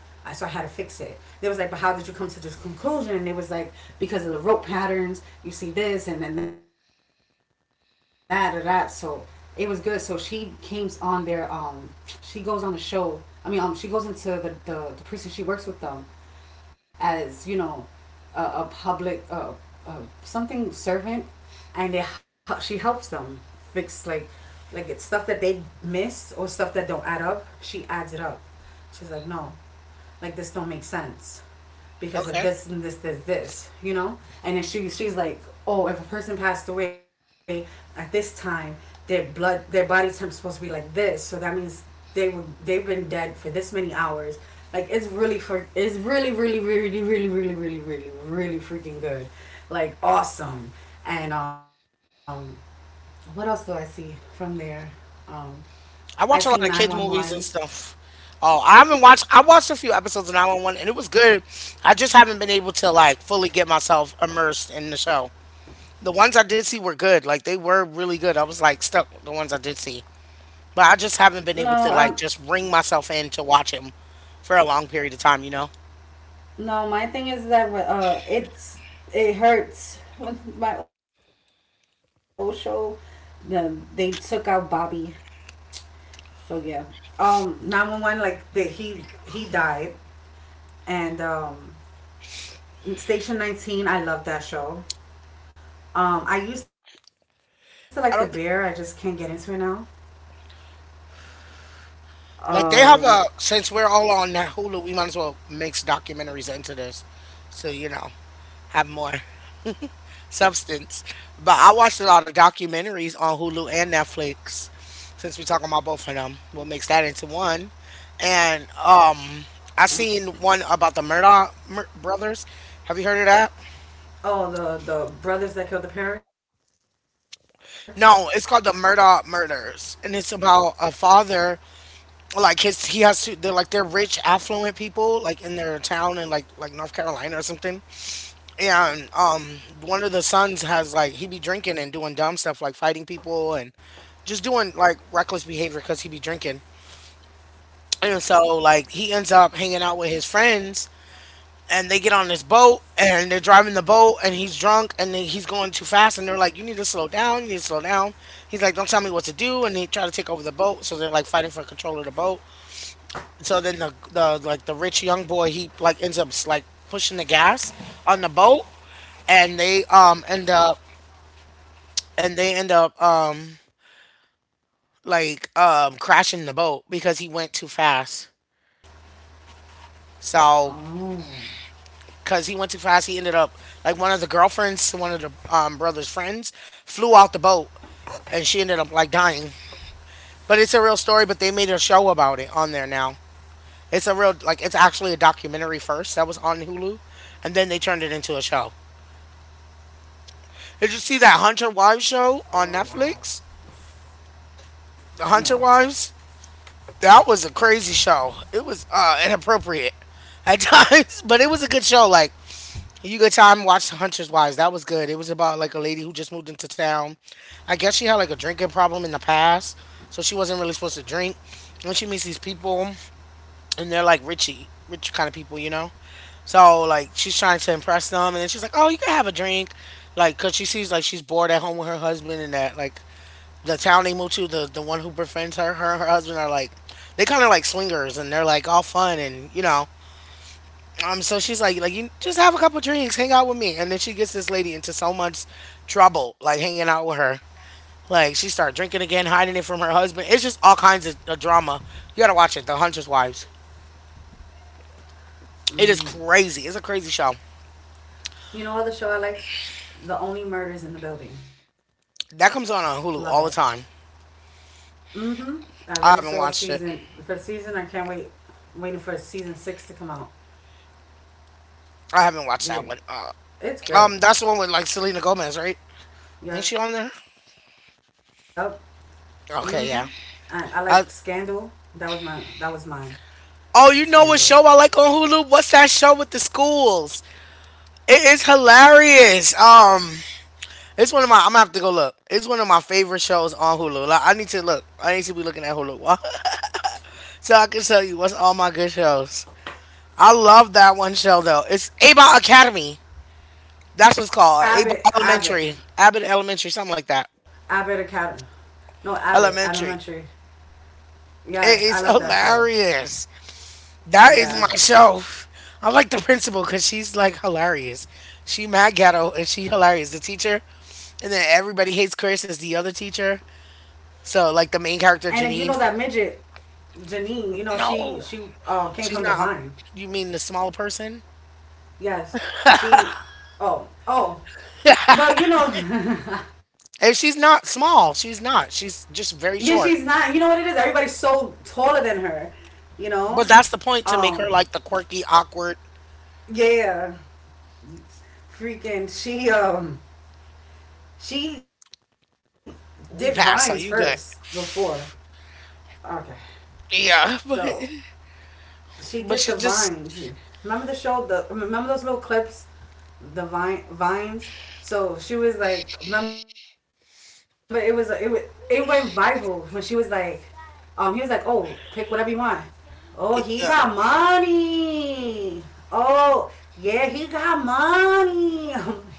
S2: I- So I had to fix it." They was like, "But how did you come to this conclusion?" And it was like, "Because of the rope patterns, you see this and then that or that." So it was good. So she came on there. Um, she goes on the show. I mean, um, she goes into the, the the priest and she works with them, as you know, a, a public uh, uh, something servant, and they, she helps them fix like like it's stuff that they miss or stuff that don't add up. She adds it up. She's like, no, like this don't make sense
S1: Okay.
S2: because of this and this, this, this, you know? And then she, she's like, oh, if a person passed away at this time, their blood, their body temp's supposed to be like this. So that means they were, they've been dead for this many hours. Like it's really for, it's really, really, really, really, really, really, really, really freaking good. Like awesome. And um, what else do I see from there? Um,
S1: I watch a
S2: I
S1: lot of
S2: see
S1: kids movies and
S2: nine one one.
S1: stuff. Oh, I haven't watched. I watched a few episodes of nine one one, and it was good. I just haven't been able to like fully get myself immersed in the show. The ones I did see were good. Like they were really good. I was like stuck with the ones I did see, but I just haven't
S2: No,
S1: been able
S2: I'm,
S1: to like just bring myself in to watch them for a long period of time. You know,
S2: No, my thing is that uh, it's it hurts with my old show. The they took out Bobby, so yeah. Um, nine one one, like the, he he died, and um, Station nineteen. I love that show. Um, I used to like The Bear. I just can't get
S1: I
S2: into
S1: don't
S2: it
S1: think
S2: now.
S1: like
S2: Um,
S1: they have a since we're all on Hulu, we might as well mix documentaries into this, so you know have more substance. But I watched a lot of documentaries on Hulu and Netflix, since we're talking about both of them. We'll mix that into one. And um, I seen one about the Murdoch mur- brothers. Have you heard of that?
S2: Oh, the the brothers that killed the parents.
S1: No, it's called the Murdoch Murders, and it's about a father. Like his, he has to. They're like they're rich, affluent people, like in their town in like like North Carolina or something. And um, One of the sons has like he be drinking and doing dumb stuff like fighting people, just doing like reckless behavior because he be drinking. And so like he ends up hanging out with his friends, and they get on this boat and they're driving the boat and he's drunk and then he's going too fast and they're like, "You need to slow down, you need to slow down." He's like, "Don't tell me what to do," and they try to take over the boat, so they're like fighting for control of the boat. So then the the like the rich young boy, he like ends up like pushing the gas on the boat, and they um end up, and they end up um like um crashing the boat because he went too fast.
S2: oh
S1: So, because he went too fast, he ended up like one of the girlfriends to one of the um, brother's friends flew out the boat, and she ended up like dying. But it's a real story. But they made a show about it on there now. It's a real like it's actually a documentary first that was on Hulu, and then they turned it into a show. Did you see that
S2: Oh
S1: Hunter
S2: wow.
S1: Wives show on Netflix?
S2: No,
S1: The Hunter Wives. That was a crazy show. It was uh, inappropriate at times, but it was a good show. Like you good time? Watched Hunters Wives. That was good. It was about like a lady who just moved into town. I guess she had like a drinking problem in the past, so she wasn't really supposed to drink. And she meets these people, and they're like richy, rich kind of people, you know. So like she's trying to impress them, and then she's like, "Oh, you can have a drink," like because she sees like she's bored at home with her husband, and that like the town they moved to, the the one who befriends her, her and her husband are like, they kind of like swingers, and they're like all fun, and you know, um, so she's like, like you just have a couple drinks, hang out with me, and then she gets this lady into so much trouble, like hanging out with her. Like she started drinking again, hiding it from her husband. It's just all kinds of, of drama. You gotta watch it, The Huntress Wives. It is crazy. It's a crazy show.
S2: you know what the show I like? The Only Murders in the Building. Love it.
S1: That comes on on Hulu all the time.
S2: Mm-hmm. I already saw a
S1: I
S2: season.
S1: haven't
S2: The
S1: watched
S2: first
S1: it.
S2: season, I can't wait. I'm waiting for season six to come out.
S1: I haven't
S2: Dude,
S1: watched that one. Uh,
S2: it's good.
S1: um, that's the one with like Selena Gomez, right? Ain't
S2: Yep.
S1: she on there?
S2: Mm-hmm. And I like
S1: Okay,
S2: Scandal.
S1: yeah.
S2: That was my.
S1: I,
S2: That was mine. Scandal.
S1: oh, you know what show I like on Hulu? What's that show with the schools? It is hilarious. Um, It's one of my. I'm gonna have to go look. It's one of my favorite shows on Hulu. Like I need to look. I need to be looking at Hulu so I can tell you what's all my good shows. I love that one show though. It's About Academy. That's what it's called.
S2: Abbott.
S1: About
S2: Abbott.
S1: Elementary, Abbott
S2: Abbott
S1: Elementary, something like
S2: Academy.
S1: that.
S2: No, Abbott Elementary.
S1: Elementary.
S2: Yes, I love that show.
S1: It is hilarious. That is my
S2: Yes.
S1: show. I like the principal because she's like hilarious. She mad ghetto and she hilarious. The teacher, and then everybody hates Chris as the other teacher.
S2: And then
S1: So
S2: you
S1: like
S2: know
S1: the
S2: that
S1: main character
S2: midget
S1: Janine.
S2: Janine. You know she she
S1: No.
S2: uh, came from the Vine.
S1: She's not. You mean the small person?
S2: Yes. She. Oh. Oh. Well, you know.
S1: And she's not small. She's
S2: Yeah,
S1: not.
S2: she's
S1: She's
S2: not. You
S1: just
S2: know what
S1: very
S2: it is?
S1: short.
S2: Everybody's so taller than her. You know?
S1: But that's the
S2: Um
S1: point to make her like the quirky, awkward.
S2: yeah. Yeah, yeah. Freaking she um she did vines first
S1: We pass, so you
S2: before.
S1: good.
S2: Okay. So
S1: Yeah, but
S2: she did the
S1: but she
S2: vines.
S1: just
S2: Remember the show, the remember those little clips? The vine vines? So she was like, remember, it was it was, it went viral when she was like, Um, he was like, "Oh, pick whatever you want." Oh, he got
S1: yeah,
S2: money. Oh, yeah, he got money. I'm like, what?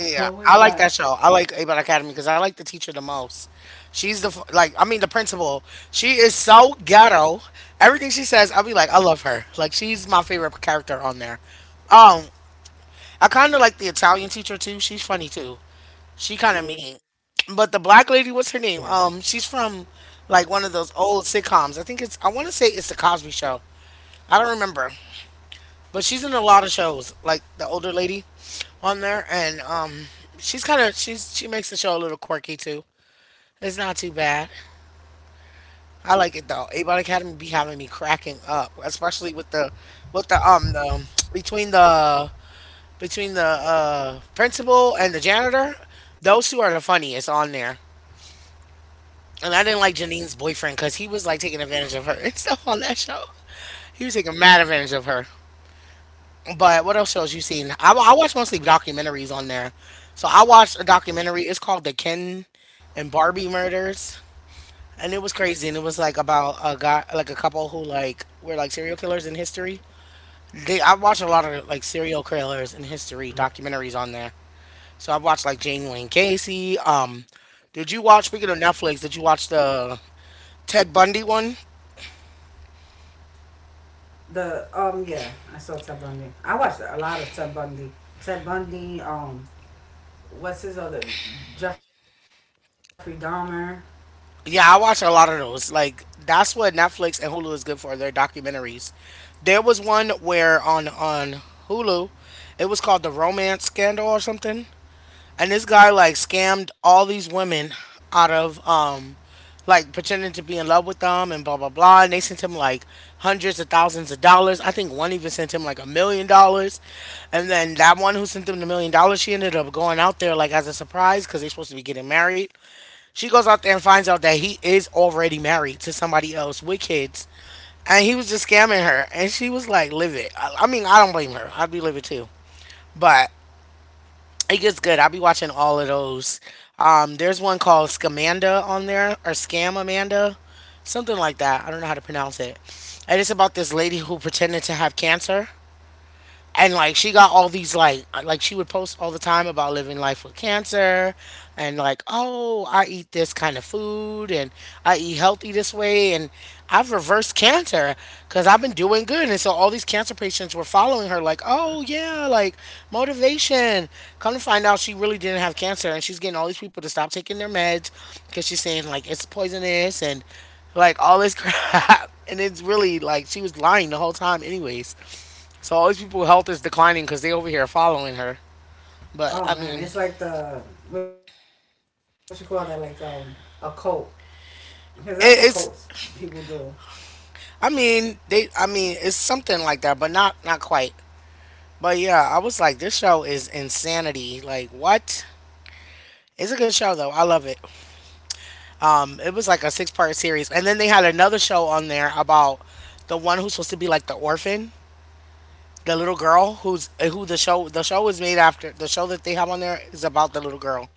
S2: What was
S1: I like
S2: that?
S1: that show. I like Abbott Academy because I like the teacher the most. She's the f- like I mean the principal. She is so ghetto. Everything she says, I'll be like I love her. Like she's my favorite character on there. Um, I kind of like the Italian teacher too. She's funny too. She kind of
S2: Yeah.
S1: mean. But the black lady, what's her name? Um, she's from like one of those old sitcoms. I think it's I want to say it's the Cosby Show. I don't remember, but she's in a lot of shows. Like the older lady on there, and um, she's kind of she's she makes the show a little quirky too. It's not too bad. I like it though. A-Bot Academy be having me cracking up, especially with the with the um the between the between the uh principal and the janitor. Those two are the funniest on there. And I didn't like Janine's boyfriend because he was like taking advantage of her and stuff on that show. He was taking mad advantage of her. But what else shows you seen? I, I watch mostly documentaries on there. So I watched a documentary. It's called The Ken and Barbie Murders. And it was crazy. And it was like about a guy, like a couple who like were like serial killers in history. They I watched a lot of like serial killers in history documentaries on there. So I watched like Jane Wayne Casey. Um, did you watch, speaking of Netflix, did you watch the Ted Bundy one?
S2: The um yeah, I saw Ted Bundy. I watched a lot of Ted Bundy. Ted Bundy, um what's his other? Jeffrey Dahmer.
S1: Yeah, I watch a lot of those. Like that's what Netflix and Hulu is good for, their documentaries. There was one where on on Hulu, it was called The Romance Scandal or something. And this guy like scammed all these women out of um like pretending to be in love with them and blah blah blah, and they sent him like hundreds of thousands of dollars. I think one even sent him like a million dollars. And then that one who sent them the million dollars, she ended up going out there like as a surprise cuz they're supposed to be getting married, she goes out there and finds out that he is already married to somebody else with kids, and he was just scamming her. And she was like, "Live it." I, I mean, I don't blame her. I'd be livid too. But it gets good. I'll be watching all of those. Um, there's one called Scamanda on there or Scam Amanda, something like that. I don't know how to pronounce it. And it's about this lady who pretended to have cancer, and like she got all these like like she would post all the time about living life with cancer, and like, oh, I eat this kind of food, and I eat healthy this way, and I've reversed cancer because I've been doing good, and so all these cancer patients were following her like, oh yeah, like motivation. Come to find out she really didn't have cancer, and she's getting all these people to stop taking their meds because she's saying like it's poisonous and like all this crap, and it's really like she was lying the whole time anyways, so all these people health is declining because they over here following her. But
S2: Oh
S1: I
S2: man,
S1: mean,
S2: it's like the, what you call that, like um a cult. Cuz that's what cults
S1: it, it's
S2: people do.
S1: I mean they I mean it's something like that, but not not quite. But yeah, I was like, this show is insanity. Like what? It's a good show though. I love it. Um, it was like a six part series, and then they had another show on there about the one who's supposed to be like the orphan, the little girl who's eh, who the show the show is made after. The show that they have on there is about the little girl,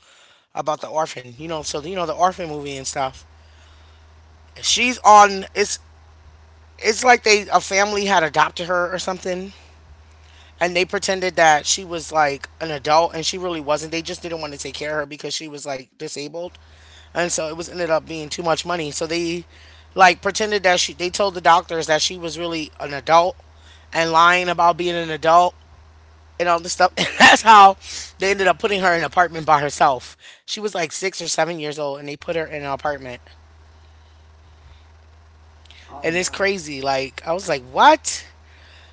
S1: about the orphan. You know, so you know the orphan movie and stuff. She's on. It's it's like they a family had adopted her or something, and they pretended that she was like an adult and she really wasn't, they just didn't want to take care of her because she was like disabled, and so it was ended up being too much money, so they like pretended that she they told the doctors that she was really an adult and lying about being an adult and all this stuff, and that's how they ended up putting her in an apartment by herself. She was like six or seven years old and they put her in an apartment,
S2: Oh wow.
S1: and it's crazy, like I was like what.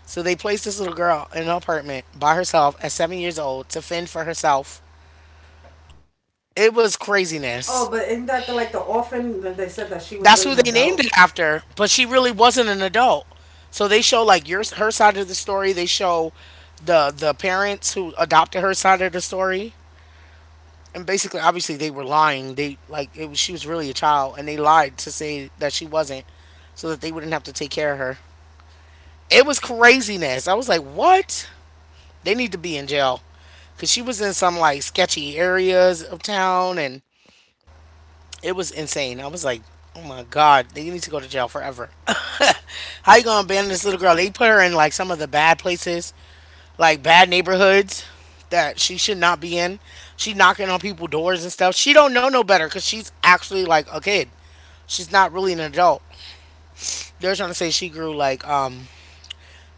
S1: So they placed this little girl in an apartment by herself at seven years old to fend for herself.
S2: Oh, but
S1: It
S2: isn't
S1: was
S2: that the, like, the
S1: craziness.
S2: orphan? They said that she was really an adult.
S1: That's who they named it after, but she really wasn't an adult. So they show like your her side of the story. They show the the parents who adopted her side of the story, and basically, obviously, they were lying. They like it was, she was really a child, and they lied to say that she wasn't, so that they wouldn't have to take care of her. It was craziness. I was like, what? They need to be in jail. Cause she was in some like sketchy areas of town, and it was insane. I was like, "Oh my god, they need to go to jail forever." How you gonna abandon this little girl? They put her in like some of the bad places, like bad neighborhoods that she should not be in. She knocking on people's doors and stuff. She don't know no better because she's actually like a kid. She's not really an adult. They're trying to say she grew like um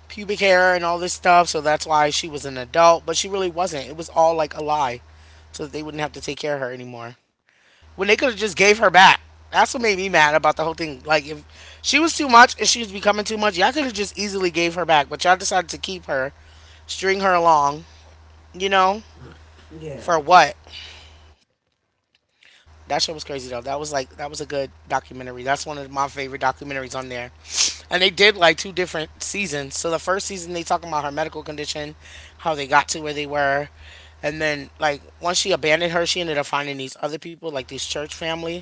S1: pubic hair and all this stuff, so that's why she was an adult, but she really wasn't. It was all like a lie, so that they wouldn't have to take care of her anymore when they could have just gave her back. That's what made me mad about the whole thing. Like if she was too much and she was becoming too much, y'all could have just easily gave her back, but y'all decided to keep her, string her along, you know,
S2: Yeah,
S1: for what? That show was crazy though. That was like that was a good documentary. That's one of my favorite documentaries on there. And they did like two different seasons. So the first season they talking about her medical condition, how they got to where they were. And then like once she abandoned her, she ended up finding these other people, like this church family.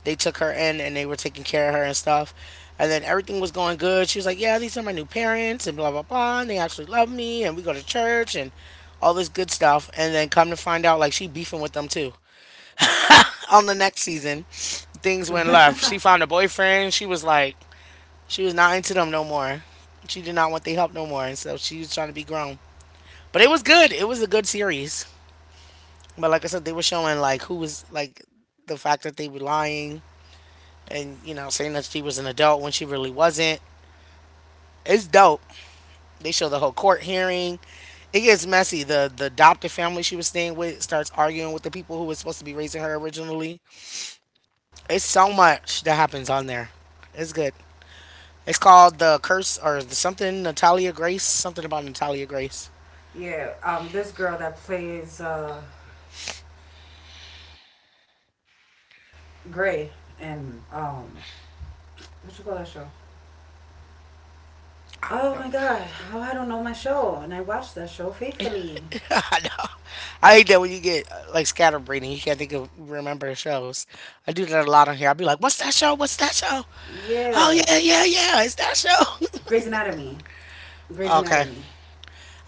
S1: They took her in and they were taking care of her and stuff. And then everything was going good. She was like, "Yeah, these are my new parents and blah blah blah. And they actually love me and we go to church and all this good stuff." And then come to find out like she beefing with them too. On the next season, things went left. She found a boyfriend. She was like, she was not into them no more. She did not want their help no more. And so she was trying to be grown. But it was good. It was a good series. But like I said, they were showing like who was like the fact that they were lying and, you know, saying that she was an adult when she really wasn't. It's dope. They show the whole court hearing. It gets messy. The the adopted family she was staying with starts arguing with the people who was supposed to be raising her originally. It's so much that happens on there. It's good. It's called the Curse or the something Natalia Grace. Something about Natalia Grace.
S2: yeah. Um, this girl that plays uh Gray, and um, what you call that show? Oh
S1: I don't
S2: my
S1: know.
S2: God, how I don't know my show, and I watched that show faithfully.
S1: I know. I hate that when you get uh, like scatterbrained and you can't think of remember the shows. I do that a
S2: Yeah,
S1: lot on here. I'll be like, "What's that show? What's that show? Oh yeah, yeah,
S2: Grey's
S1: yeah, it's
S2: Anatomy.
S1: that show."
S2: Grey's Anatomy.
S1: Okay.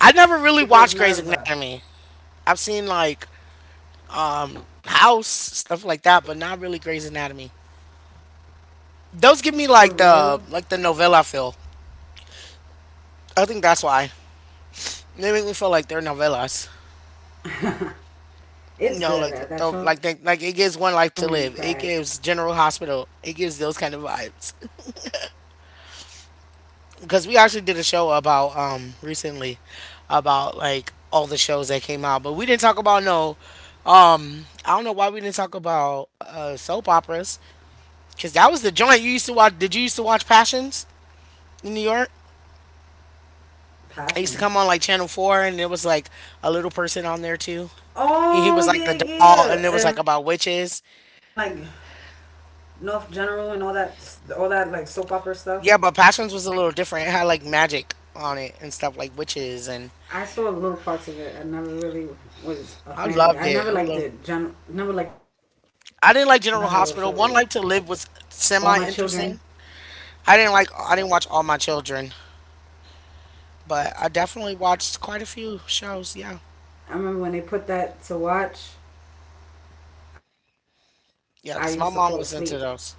S1: I
S2: She
S1: never really
S2: plays
S1: watched Grey's
S2: Maribel.
S1: Anatomy. I've seen like House, stuff like that, but not really Grey's Anatomy. Those give
S2: For
S1: me like
S2: real,
S1: the like the novella feel. I think that's why they make me feel like they're novellas. You
S2: it's
S1: know, like the
S2: good. That
S1: throw,
S2: show made
S1: like
S2: me
S1: they, like
S2: cry.
S1: it gives One Life to Live. It gives General Hospital. It gives those kind of vibes. Because we actually did a show about um recently about like all the shows that came out, but we didn't talk about no. Um, I don't know why we didn't talk about uh soap operas. Cause that was the joint you used to watch. Did you used to watch Passions in New York? It used to
S2: Passions.
S1: come on like Channel Four, and it was like a little person on there too. He, he
S2: Oh
S1: was like
S2: yeah,
S1: the doll,
S2: yeah,
S1: and it was
S2: and
S1: like
S2: like
S1: about witches.
S2: North General and all that, all that like soap opera stuff.
S1: Yeah, but Passions was a little different. It had like magic on it and stuff like witches and
S2: I saw little parts of it. I never really was a
S1: I
S2: fan of it.
S1: loved
S2: I
S1: it.
S2: never
S1: I
S2: liked
S1: love
S2: the gen- never liked none of those shows.
S1: I didn't like General Hospital. One Life
S2: All
S1: to
S2: my
S1: Live was
S2: children.
S1: semi interesting. I didn't like I didn't watch all my children, but I definitely watched quite a few shows, yeah.
S2: I remember when they put that to watch. I used to fall asleep.
S1: Yeah, because my mom was into those.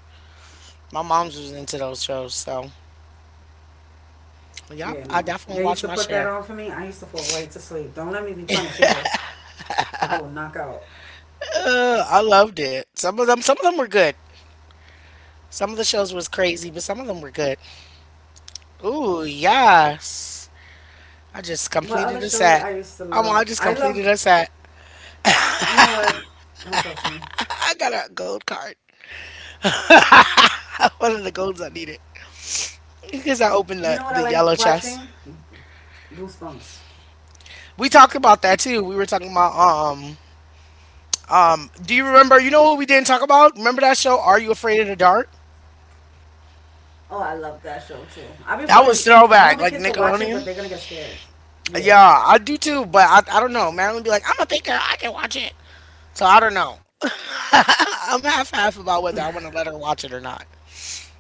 S1: My mom's was into those shows, so yep,
S2: Yeah,
S1: I
S2: no.
S1: definitely
S2: They used
S1: watched
S2: to
S1: my
S2: put that
S1: share.
S2: on for me. I used to fall right to sleep. Don't let me be punished either. I will knock out.
S1: Uh, I loved it. Some of them some of them were good. Some of the shows was crazy, but some of them were good. Ooh, yes. I just
S2: What other show
S1: completed a
S2: that I
S1: set.
S2: used to love?
S1: Um, I
S2: I
S1: just
S2: love.
S1: completed a set.
S2: You know what? Don't talk to me.
S1: I got a gold card. One of the golds I needed
S2: You know what I
S1: because I
S2: like
S1: opened the, the
S2: watching?
S1: yellow chest.
S2: Goosebumps.
S1: We talked about that too. We were talking about um um. Do you remember? You know what we didn't talk about? Remember that show? Are you afraid of the dark?
S2: Oh, I love that show too. I've been putting. I want
S1: That
S2: the
S1: was
S2: kids to watch it,
S1: throwback,
S2: but
S1: like
S2: they're gonna get scared.
S1: Nickelodeon.
S2: Yeah,
S1: Yeah, I do too, but I, I don't know. Marilyn be like, "I'm a big girl. I can watch it." So I don't know. I'm half half about whether I want to let her watch it or not.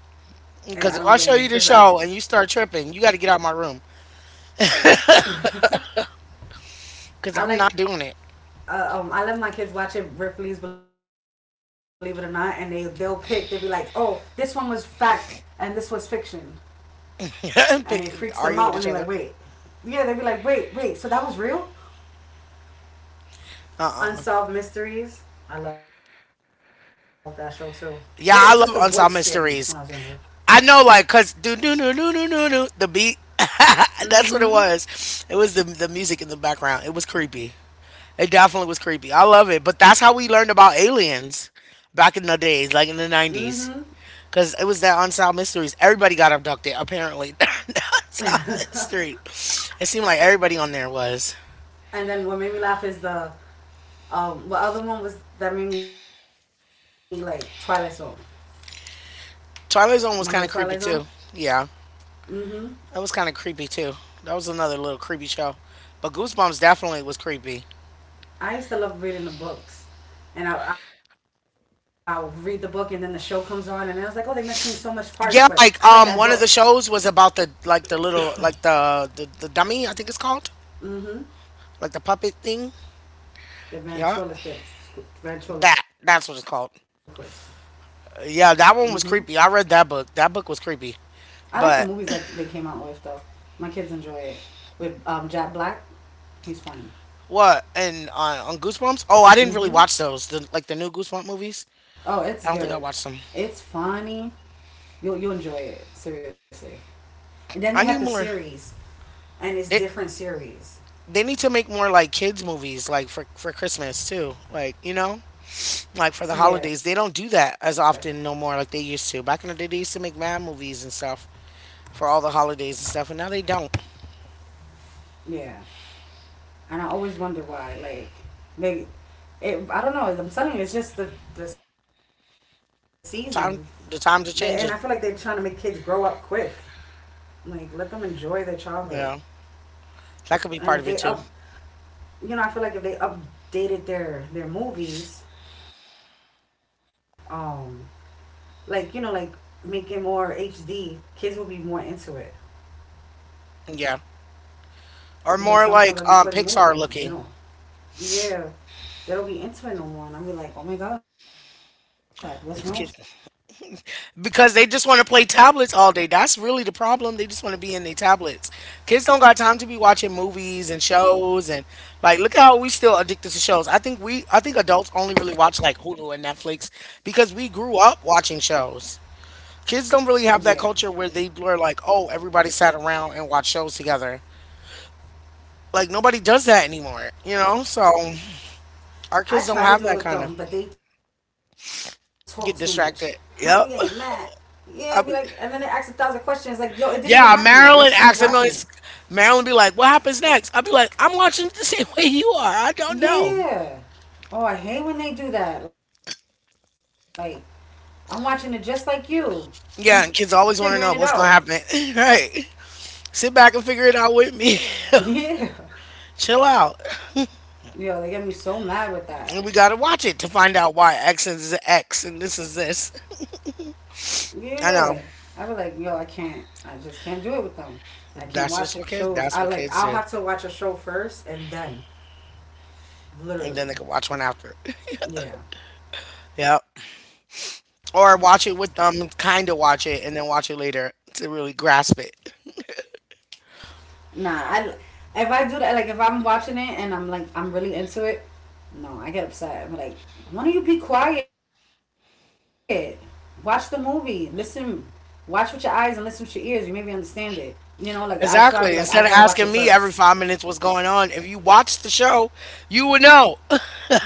S2: and I don't blame you
S1: Because
S2: because
S1: if I
S2: I,
S1: show you the show and you start tripping, you got to get out of my room. Cause
S2: I
S1: I'm
S2: like.
S1: not doing it.
S2: Uh, um, I let my kids watch it. Ripley's Believe It or Not, and they they'll pick. They'll be like, "Oh, this one was fact, and this was fiction," and it freaks
S1: Pick,
S2: them out when
S1: argue
S2: they're
S1: with
S2: like,
S1: each
S2: "Wait,
S1: other.
S2: yeah." They'll be like, "Wait, wait, so that was real?"
S1: Uh uh.
S2: Unsolved Mysteries. I love that show too. It's just the voice scared me
S1: Yeah,
S2: when I was
S1: I love
S2: younger.
S1: unsolved mysteries. I know, like, cause do do do do do do do the beat. That's what it was. It was the the music in the background. It was creepy. It definitely was creepy. I love it. But that's how we learned about aliens back in the
S2: Mm-hmm.
S1: days, like in the nineties. Cause it was that unsolved mysteries. Everybody got abducted, apparently. The unsolved mystery. It seemed like everybody on there was.
S2: And then what made me laugh is the, um, what other one was that made me, like, Twilight Zone. Remember the Twilight
S1: Twilight
S2: Zone?
S1: Zone was kind of creepy too. Yeah.
S2: Mm-hmm.
S1: That was kind of creepy too. That was another little creepy show. But Goosebumps definitely was creepy.
S2: I used to love reading the books, and I, I'll read the book, and then the show comes on, and I was like, oh, they're missing so much parts, but I read that
S1: Yeah,
S2: book.
S1: like um one of the shows was about the like the little like the the, the dummy, I think it's called.
S2: Mm-hmm.
S1: Like the puppet thing.
S2: The
S1: Yeah.
S2: ventriloquist,
S1: That
S2: ventriloquist.
S1: that's what it's called.
S2: Mm-hmm.
S1: Yeah, that one was creepy. I read that book. That book was creepy.
S2: I like the
S1: But
S2: movies that they came out with though. My kids enjoy it. With um, Jack Black, he's funny.
S1: what? And on, on Goosebumps? Oh, I didn't really watch
S2: Mm-hmm.
S1: those. The, like the new
S2: Oh,
S1: Goosebump
S2: it's
S1: movies.
S2: good.
S1: I don't
S2: It's
S1: think I watched them.
S2: funny. You'll you'll enjoy it seriously. And then they
S1: I need
S2: had the
S1: more.
S2: series, and it's
S1: They
S2: different series.
S1: they need to make more like kids movies like for for Christmas too. Like, you know? Like for the holidays. They
S2: Yeah,
S1: don't do that as often no more like they used to. Back in the day, they used to make mad movies and stuff for all the holidays and stuff, and now they don't.
S2: yeah. And I always wonder why. Like they, it, I don't know. I'm telling you, it's just the the season,
S1: Time,
S2: and I feel like
S1: the
S2: they're
S1: times
S2: trying
S1: are
S2: to make kids
S1: changing.
S2: grow up quick. Like let them enjoy their childhood,
S1: Yeah, that could
S2: and
S1: be
S2: if
S1: part
S2: they
S1: of it
S2: up,
S1: too.
S2: you know, I feel like if they updated their their movies, um, like, you know, like making more H D, kids will be more into it.
S1: Yeah, or
S2: Because
S1: more like
S2: sometimes I be
S1: um,
S2: putting
S1: Pixar
S2: movies,
S1: looking.
S2: they don't, yeah, they don't be into it no more. And I be like, oh my god, what's wrong?
S1: These kids, because they just want to play tablets all day. That's really the problem. They just want to be in their tablets. Kids don't got time to be watching movies and shows and like look how we still addicted to shows. I think we I think adults only really watch like Hulu and Netflix because we grew up watching shows. Kids don't really
S2: Yeah.
S1: have that culture where they were like, oh, everybody sat around and watched shows together. Like nobody does that anymore, you know? So our kids don't
S2: I
S1: have
S2: try
S1: that
S2: to
S1: kind
S2: do it
S1: of
S2: with them, but they talk too much. I'm getting
S1: get
S2: mad.
S1: distracted. Yep.
S2: Yeah, be like, and then they ask
S1: I
S2: a
S1: be,
S2: thousand questions. Like, yo, it didn't even happen yet. Let's
S1: yeah,
S2: finish watching
S1: Marilyn
S2: it.
S1: acts a Marilyn be like, what happens next? I'll be like, I'm watching it the same way you are. I don't know.
S2: Yeah. Oh, I hate when they do that. Like, I'm watching it just like you,
S1: Yeah, and
S2: figuring it
S1: kids always
S2: out.
S1: want to know what's going to happen. Right. Sit back and figure it out with me.
S2: Yeah.
S1: Chill out.
S2: Yo, they get me so mad with that.
S1: And we got to watch it to find out why X is X and this is this.
S2: Yeah.
S1: I
S2: I
S1: know.
S2: be like, yo, I can't. I just can't do it with them. I can't watch
S1: That's just what
S2: shows.
S1: kids,
S2: I
S1: that's
S2: like,
S1: what
S2: I'll
S1: kids
S2: have
S1: do.
S2: to watch a show first and then,
S1: And then
S2: literally.
S1: they can watch one after.
S2: Yeah.
S1: Yep. Or watch it with them, kind of watch it, and then watch it later to really grasp it.
S2: Nah, I, if I do that, like if I'm watching it and I'm like I'm really into it, no, I get upset. I'm like, why don't you be quiet? Watch the movie. Listen. Watch with your eyes and listen with your ears. You maybe understand it. You know, like I, so I'd be like, I
S1: Exactly.
S2: gotta watch
S1: Instead
S2: it
S1: of asking
S2: first.
S1: me every five minutes what's going on, if you watched the show, you would know.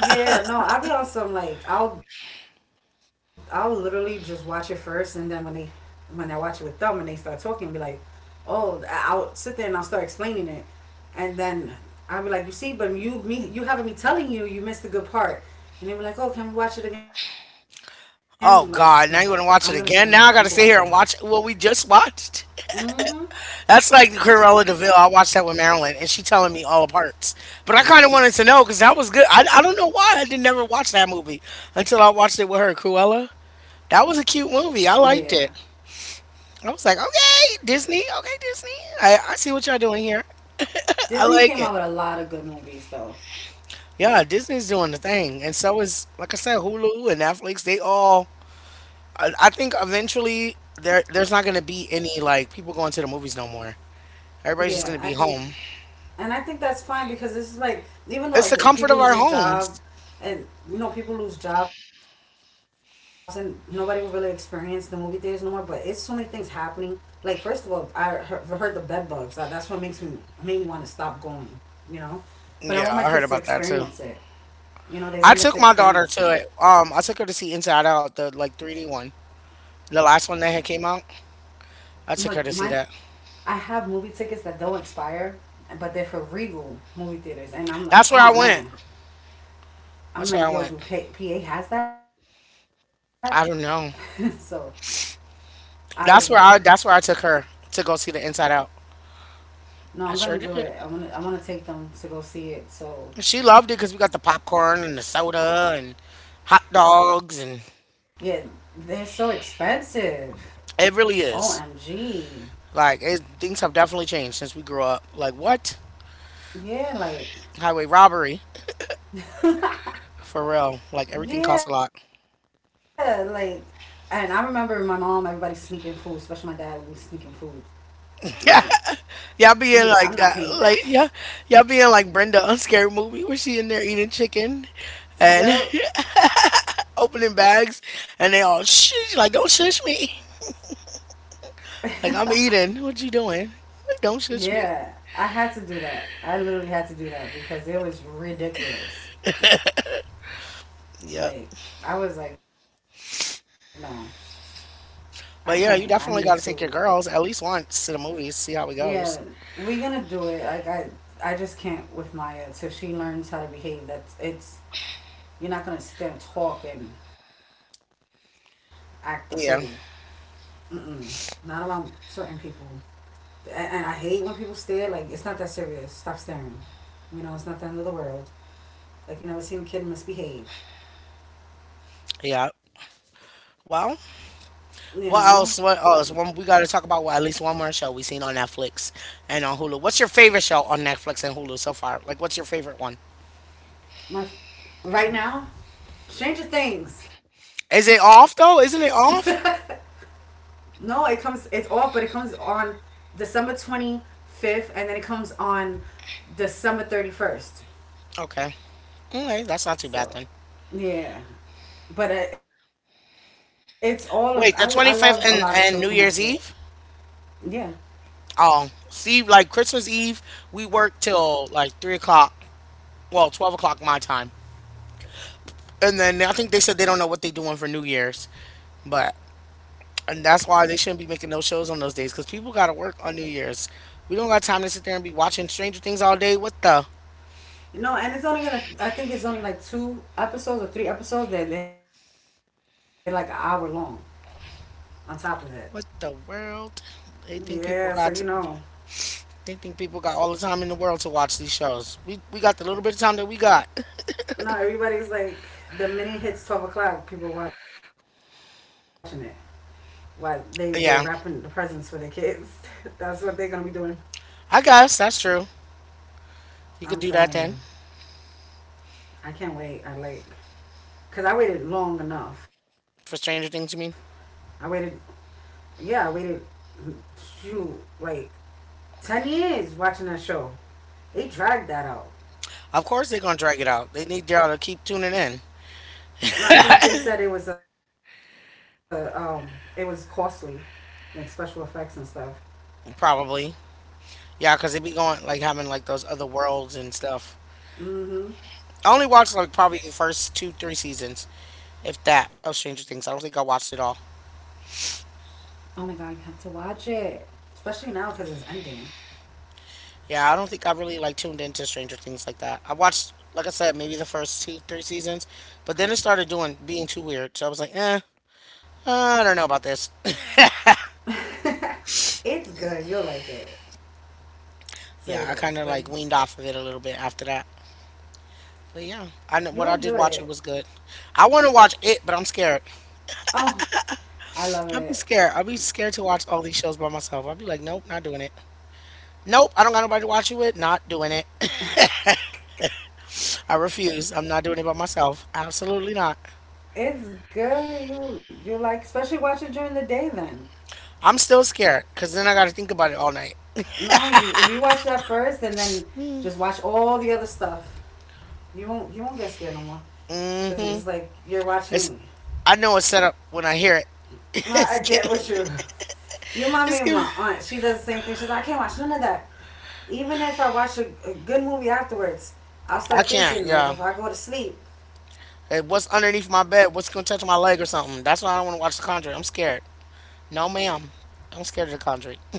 S2: Yeah, no, I'll be on some like, I'll I'll literally just watch it first, and then when they, when I watch it with them and they start talking, be like, oh, I- I'll sit there and I'll start explaining it. And then I'd be like, you see, but you, me, you having me telling you you missed the good part. And they were like, oh, can we watch it again? I'm like, no, I'm gonna
S1: Oh
S2: take a nap.
S1: God!
S2: You
S1: Now
S2: can
S1: you want to
S2: watch it
S1: watch it
S2: now.
S1: again? Now I got to sit here and watch what we just watched.
S2: Mm-hmm.
S1: That's like the Cruella Deville. I watched that with Marilyn, and she telling me all the parts. But I kind of wanted to know because that was good. I, I don't know why I didn't never watch that movie until I watched it with her. Cruella. That was a
S2: Yeah,
S1: cute movie. I liked it. I was like, okay, Disney, okay, Disney. I, I see what y'all doing here.
S2: Disney
S1: I
S2: came
S1: like
S2: out with
S1: it.
S2: a lot of good movies, though.
S1: Yeah, Disney's doing the thing, and so is like I said, Hulu and Netflix. They all. I, I think eventually there there's not gonna be any like people going to the movies no more.
S2: Yeah. I
S1: Everybody's just gonna
S2: think,
S1: be home.
S2: and I think that's fine, because this is like, even though the
S1: It's the
S2: people lose
S1: comfort of
S2: their
S1: our
S2: job,
S1: homes.
S2: and, you know, people lose jobs and nobody will really experience the movie theaters no more. But it's so many things happening. Like first of all, I heard, heard the bed bugs. Uh, that's what makes me, made me want to stop going. You know, but I want my
S1: Yeah,
S2: kids to
S1: I heard about that
S2: experience it.
S1: too.
S2: You know, they didn't get
S1: I
S2: to
S1: took my
S2: experience
S1: daughter
S2: it.
S1: to it. Um, I took her to see Inside Out, the like three D one, the last one that had came out. I
S2: But
S1: took her to
S2: my
S1: see that.
S2: I have movie tickets that don't expire, but they're for Regal movie theaters, and I'm like,
S1: That's where I
S2: oh
S1: went.
S2: man. I'm
S1: That's where I
S2: like, yo,
S1: went.
S2: do P A has that? So
S1: I don't know.
S2: I was like,
S1: That's where I that's where I took her to go see the Inside Out.
S2: no,
S1: I
S2: I'm
S1: sure
S2: gonna do
S1: did.
S2: it. I'm gonna I want to take them to go see it. So
S1: She loved it because we got the popcorn and the soda and hot
S2: yeah,
S1: dogs and.
S2: they're so expensive.
S1: It really is.
S2: O M G.
S1: Like it, things have definitely changed since we grew up. Like what?
S2: Yeah, like,
S1: Highway robbery for real. Like everything costs a
S2: yeah,
S1: lot.
S2: like and I remember my mom, everybody sneaking food, especially my dad, we was sneaking food. Like
S1: Yeah, y'all
S2: he's like,
S1: being
S2: I'm not
S1: like that.
S2: paying that.
S1: Like yeah, y'all being like Brenda on Scary Movie where she in there eating chicken and
S2: Yo,
S1: opening bags and they all shush like don't shush me. Like I'm eating. What you doing? Don't shush me.
S2: yeah, I had to do that. I literally had to do that because it was ridiculous.
S1: Yep.
S2: Like I was like, no, I couldn't. I needed
S1: But
S2: to.
S1: yeah, you definitely got to take your girls at least once to the movies, see how it
S2: Yeah,
S1: goes.
S2: we're gonna do it. Like I, I just can't with Maya till she learns how to behave. That's it's. You're not gonna sit there and talk and act the fool.
S1: Yeah,
S2: Mm-mm. Not around certain people. A- And I hate when people stare. Like it's not that serious. Stop staring. You know, it's not the end of the world. Like you never seen a kid misbehave.
S1: yeah.
S2: You
S1: Well,
S2: know,
S1: what else? What else? One, we got to talk about well, at least one more show we seen on Netflix and on Hulu. What's your favorite show on Netflix and Hulu so far? Like, what's your favorite one?
S2: my f- right now change of things.
S1: Is it off though? Isn't it off?
S2: No, it comes. It's off, but it comes on December twenty fifth, and then it comes on December thirty first.
S1: Okay, okay, that's not too
S2: So
S1: bad then.
S2: yeah, but it- it's all of, I I love a lot of shows
S1: Wait,
S2: from
S1: the twenty fifth
S2: Netflix.
S1: and and New Year's Eve.
S2: Yeah,
S1: Oh, see, like Christmas Eve, we work till like three o'clock. Well, twelve o'clock my time, and then I think they said they don't know what they're doing for New Year's, but. And that's why they shouldn't be making no shows on those days because people got to work on New Year's. We don't got time to sit there and be watching Stranger Things all day. What the?
S2: no, and it's only gonna. I think it's only like two episodes or three episodes. That they're like an hour long. On top of it.
S1: What the world? They think
S2: Yeah, so
S1: people
S2: you
S1: got
S2: know,
S1: they think people got all the time in the world to watch these shows. We we got the little bit of time that we got.
S2: not everybody's like the minute it hits twelve o'clock, people watching it. While they they're wrapping the presents for their
S1: Yeah,
S2: kids. That's what they're gonna be doing.
S1: I guess that's true. You
S2: I'm
S1: could do that
S2: telling
S1: then
S2: you, I can't wait. I like, cause I waited long enough.
S1: for
S2: I
S1: Stranger
S2: waited.
S1: Things. You mean?
S2: Yeah, I waited. Shoot, like ten years watching that show. They dragged that out.
S1: Of course they're gonna drag it out. They need y'all to keep tuning in,
S2: No, I think they said it was a um, it was costly, like special effects and stuff.
S1: probably. Yeah, 'cause they be going like having like those other worlds and stuff.
S2: Mm-hmm.
S1: I only watched like probably the first two, three seasons, if that, of Stranger Things. I don't think I watched it all.
S2: Oh my god, you have to watch it, especially now because it's ending.
S1: Yeah, I don't think I really like tuned into Stranger Things like that. I watched, like I said, maybe the first two, three seasons, but then it started doing being too weird. So I was like, eh, I don't know about this.
S2: It's good. You'll like it.
S1: Yeah, I kind of
S2: Serious,
S1: like
S2: like
S1: weaned off of it a little bit after that. But yeah, I know what I
S2: you'll
S1: did
S2: enjoy
S1: watch it was
S2: it.
S1: good. I want to watch it, but I'm scared.
S2: Oh, I
S1: I'll
S2: love
S1: be
S2: it.
S1: scared. I'll be scared to watch all these shows by myself. I'll be like, nope, not doing it. Nope, I don't got nobody to watch it with. Not doing it. I refuse. I'm not doing it by myself. Absolutely not.
S2: It's good. You you like especially watch it during the day. Then
S1: I'm still scared because then I got to think about it all night.
S2: no, you if you watch that first and then just watch all the other stuff. You won't you won't get scared no more.
S1: Mm
S2: Because
S1: hmm.
S2: it's like you're
S1: It's
S2: watching.
S1: I know it's set up when I hear it.
S2: No,
S1: It's
S2: I
S1: getting.
S2: get what you. You remind me
S1: It's
S2: of my
S1: getting.
S2: aunt. She does the same thing. She's like, I can't watch none of that. Even if I watch a, a good movie afterwards, I'll
S1: I
S2: start
S1: can't.
S2: thinking like
S1: Yeah.
S2: if I go to sleep,
S1: Hey, what's underneath my bed? What's gonna touch my leg or something? That's why I don't want to watch The Conjuring. I'm scared. No, ma'am. I'm scared of The Conjuring.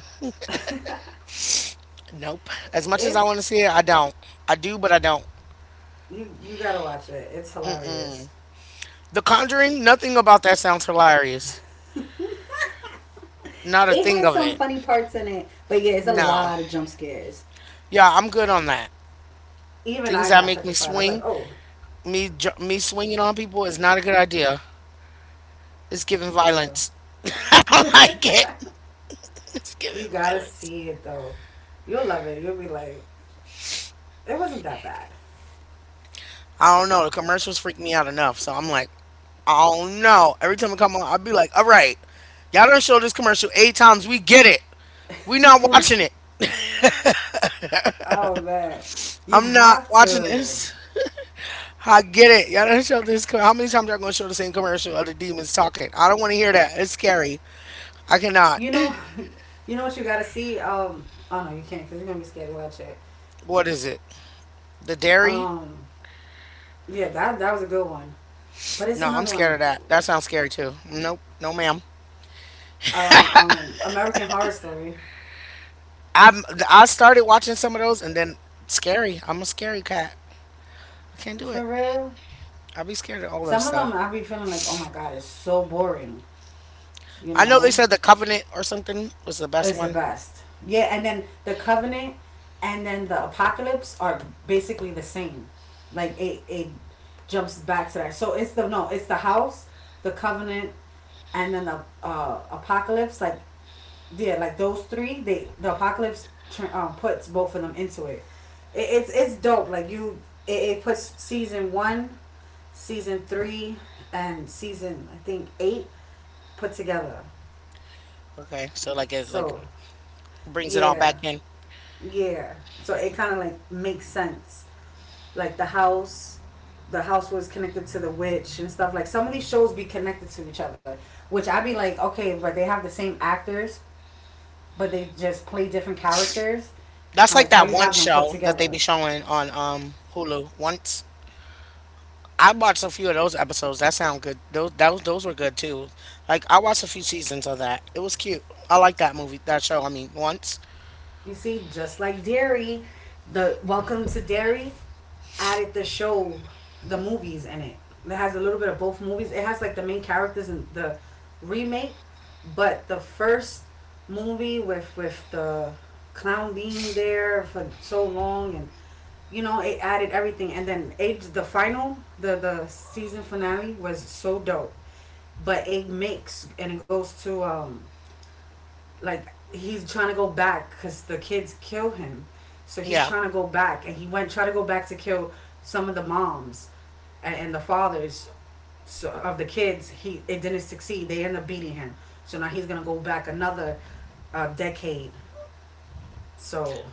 S1: Nope. As much as I
S2: it's
S1: want to see it, I don't. I do, but I don't.
S2: you. You gotta watch it. It's hilarious.
S1: The Conjuring. Nothing about that sounds hilarious.
S2: It has
S1: Not a
S2: some
S1: thing
S2: funny
S1: of it.
S2: parts in it, but yeah, it's a lot of
S1: No.
S2: jump scares.
S1: Yeah, I'm good on that.
S2: Even
S1: Things
S2: I
S1: that
S2: got
S1: make me
S2: petrified. I was like,
S1: swing,
S2: oh
S1: me ju- me swinging on people is not a good idea. It's giving
S2: yeah,
S1: violence. I don't like it. It's
S2: you
S1: giving
S2: gotta
S1: violence.
S2: see it though. You'll love it. You'll be like, it wasn't that bad.
S1: I don't know. The commercials freak me out enough, so I'm like, oh no. Every time I come on, I'll be like, all right, y'all done show this commercial eight times. We get it. We not watching it.
S2: Oh man, you
S1: I'm not
S2: have
S1: watching
S2: to.
S1: this. I get it. Y'all done show this. co- How many times y'all gonna show the same commercial of the demons talking? I don't want to hear that. It's scary. I cannot.
S2: You know, you know what you gotta see. Um, oh no, you can't because you're gonna be scared to watch it.
S1: What is it? The dairy?
S2: Um, yeah, that that was a good one. But it's
S1: No, I'm
S2: another
S1: scared
S2: one.
S1: of that. That sounds scary too. Nope. No, ma'am.
S2: Um, um, American Horror Story.
S1: I'm I started watching some of those and then scary. I'm a scary cat. I can't do
S2: For
S1: it.
S2: real,
S1: I'll be scared of all those
S2: some of them
S1: stuff.
S2: I be feeling like, oh my god, it's so boring. You
S1: I know they
S2: know,
S1: said the Covenant or something was the best
S2: it's the
S1: one.
S2: best. Yeah, and then the Covenant, and then the Apocalypse are basically the same. Like it, it jumps back to that. So it's the no, it's the House, the Covenant, and then the uh, Apocalypse. Like yeah, like those three, they the apocalypse um, puts both of them into it. it it's it's dope. Like you, it, it puts season one, season three, and season I think eight put together.
S1: Okay, so like it like
S2: So
S1: brings it all back
S2: yeah,
S1: in.
S2: yeah. So it kind of like makes sense. Like the house, the house was connected to the witch and stuff. Like some of these shows be connected to each other, which I be like, okay, but they have the same actors, but they just play different characters.
S1: That's
S2: How like
S1: like
S2: how
S1: that
S2: you
S1: one
S2: have them put
S1: show that they be
S2: together.
S1: showing on um Hulu once. I watched a few of those episodes. That sound good. Those those those were good too. Like I watched a few seasons of that. It was cute. I like that movie, that show. I mean, once.
S2: You see, just like Dairy, the Welcome to Dairy added the show, the movies in it. It has a little bit of both movies. It has like the main characters in the remake, but the first movie with with the clown being there for so long and you know it added everything and then age the final the the season finale was so dope but it makes and it goes to um like he's trying to go back because the kids kill him so he's
S1: Yeah,
S2: trying to go back and he went try to go back to kill some of the moms and, and the fathers so, of the kids he it didn't succeed they end up beating him so now he's gonna go back another uh, decade so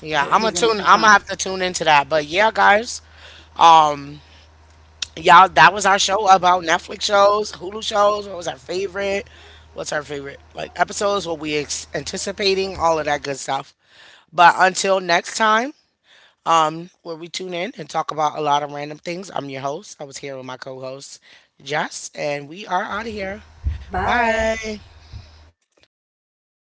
S1: yeah. I'm gonna
S2: he's gonna
S1: tune.
S2: keep
S1: I'm
S2: trying
S1: gonna
S2: to.
S1: have to tune into that. But yeah, guys. Um. Y'all, that was our show about Netflix shows, Hulu shows. What was our favorite? What's our favorite like episodes? What we ex- anticipating? All of that good stuff. But until next time, um, where we tune in and talk about a lot of random things. I'm your host. I was here with my co-host Jess, and we are out of here.
S2: Bye.
S1: Bye.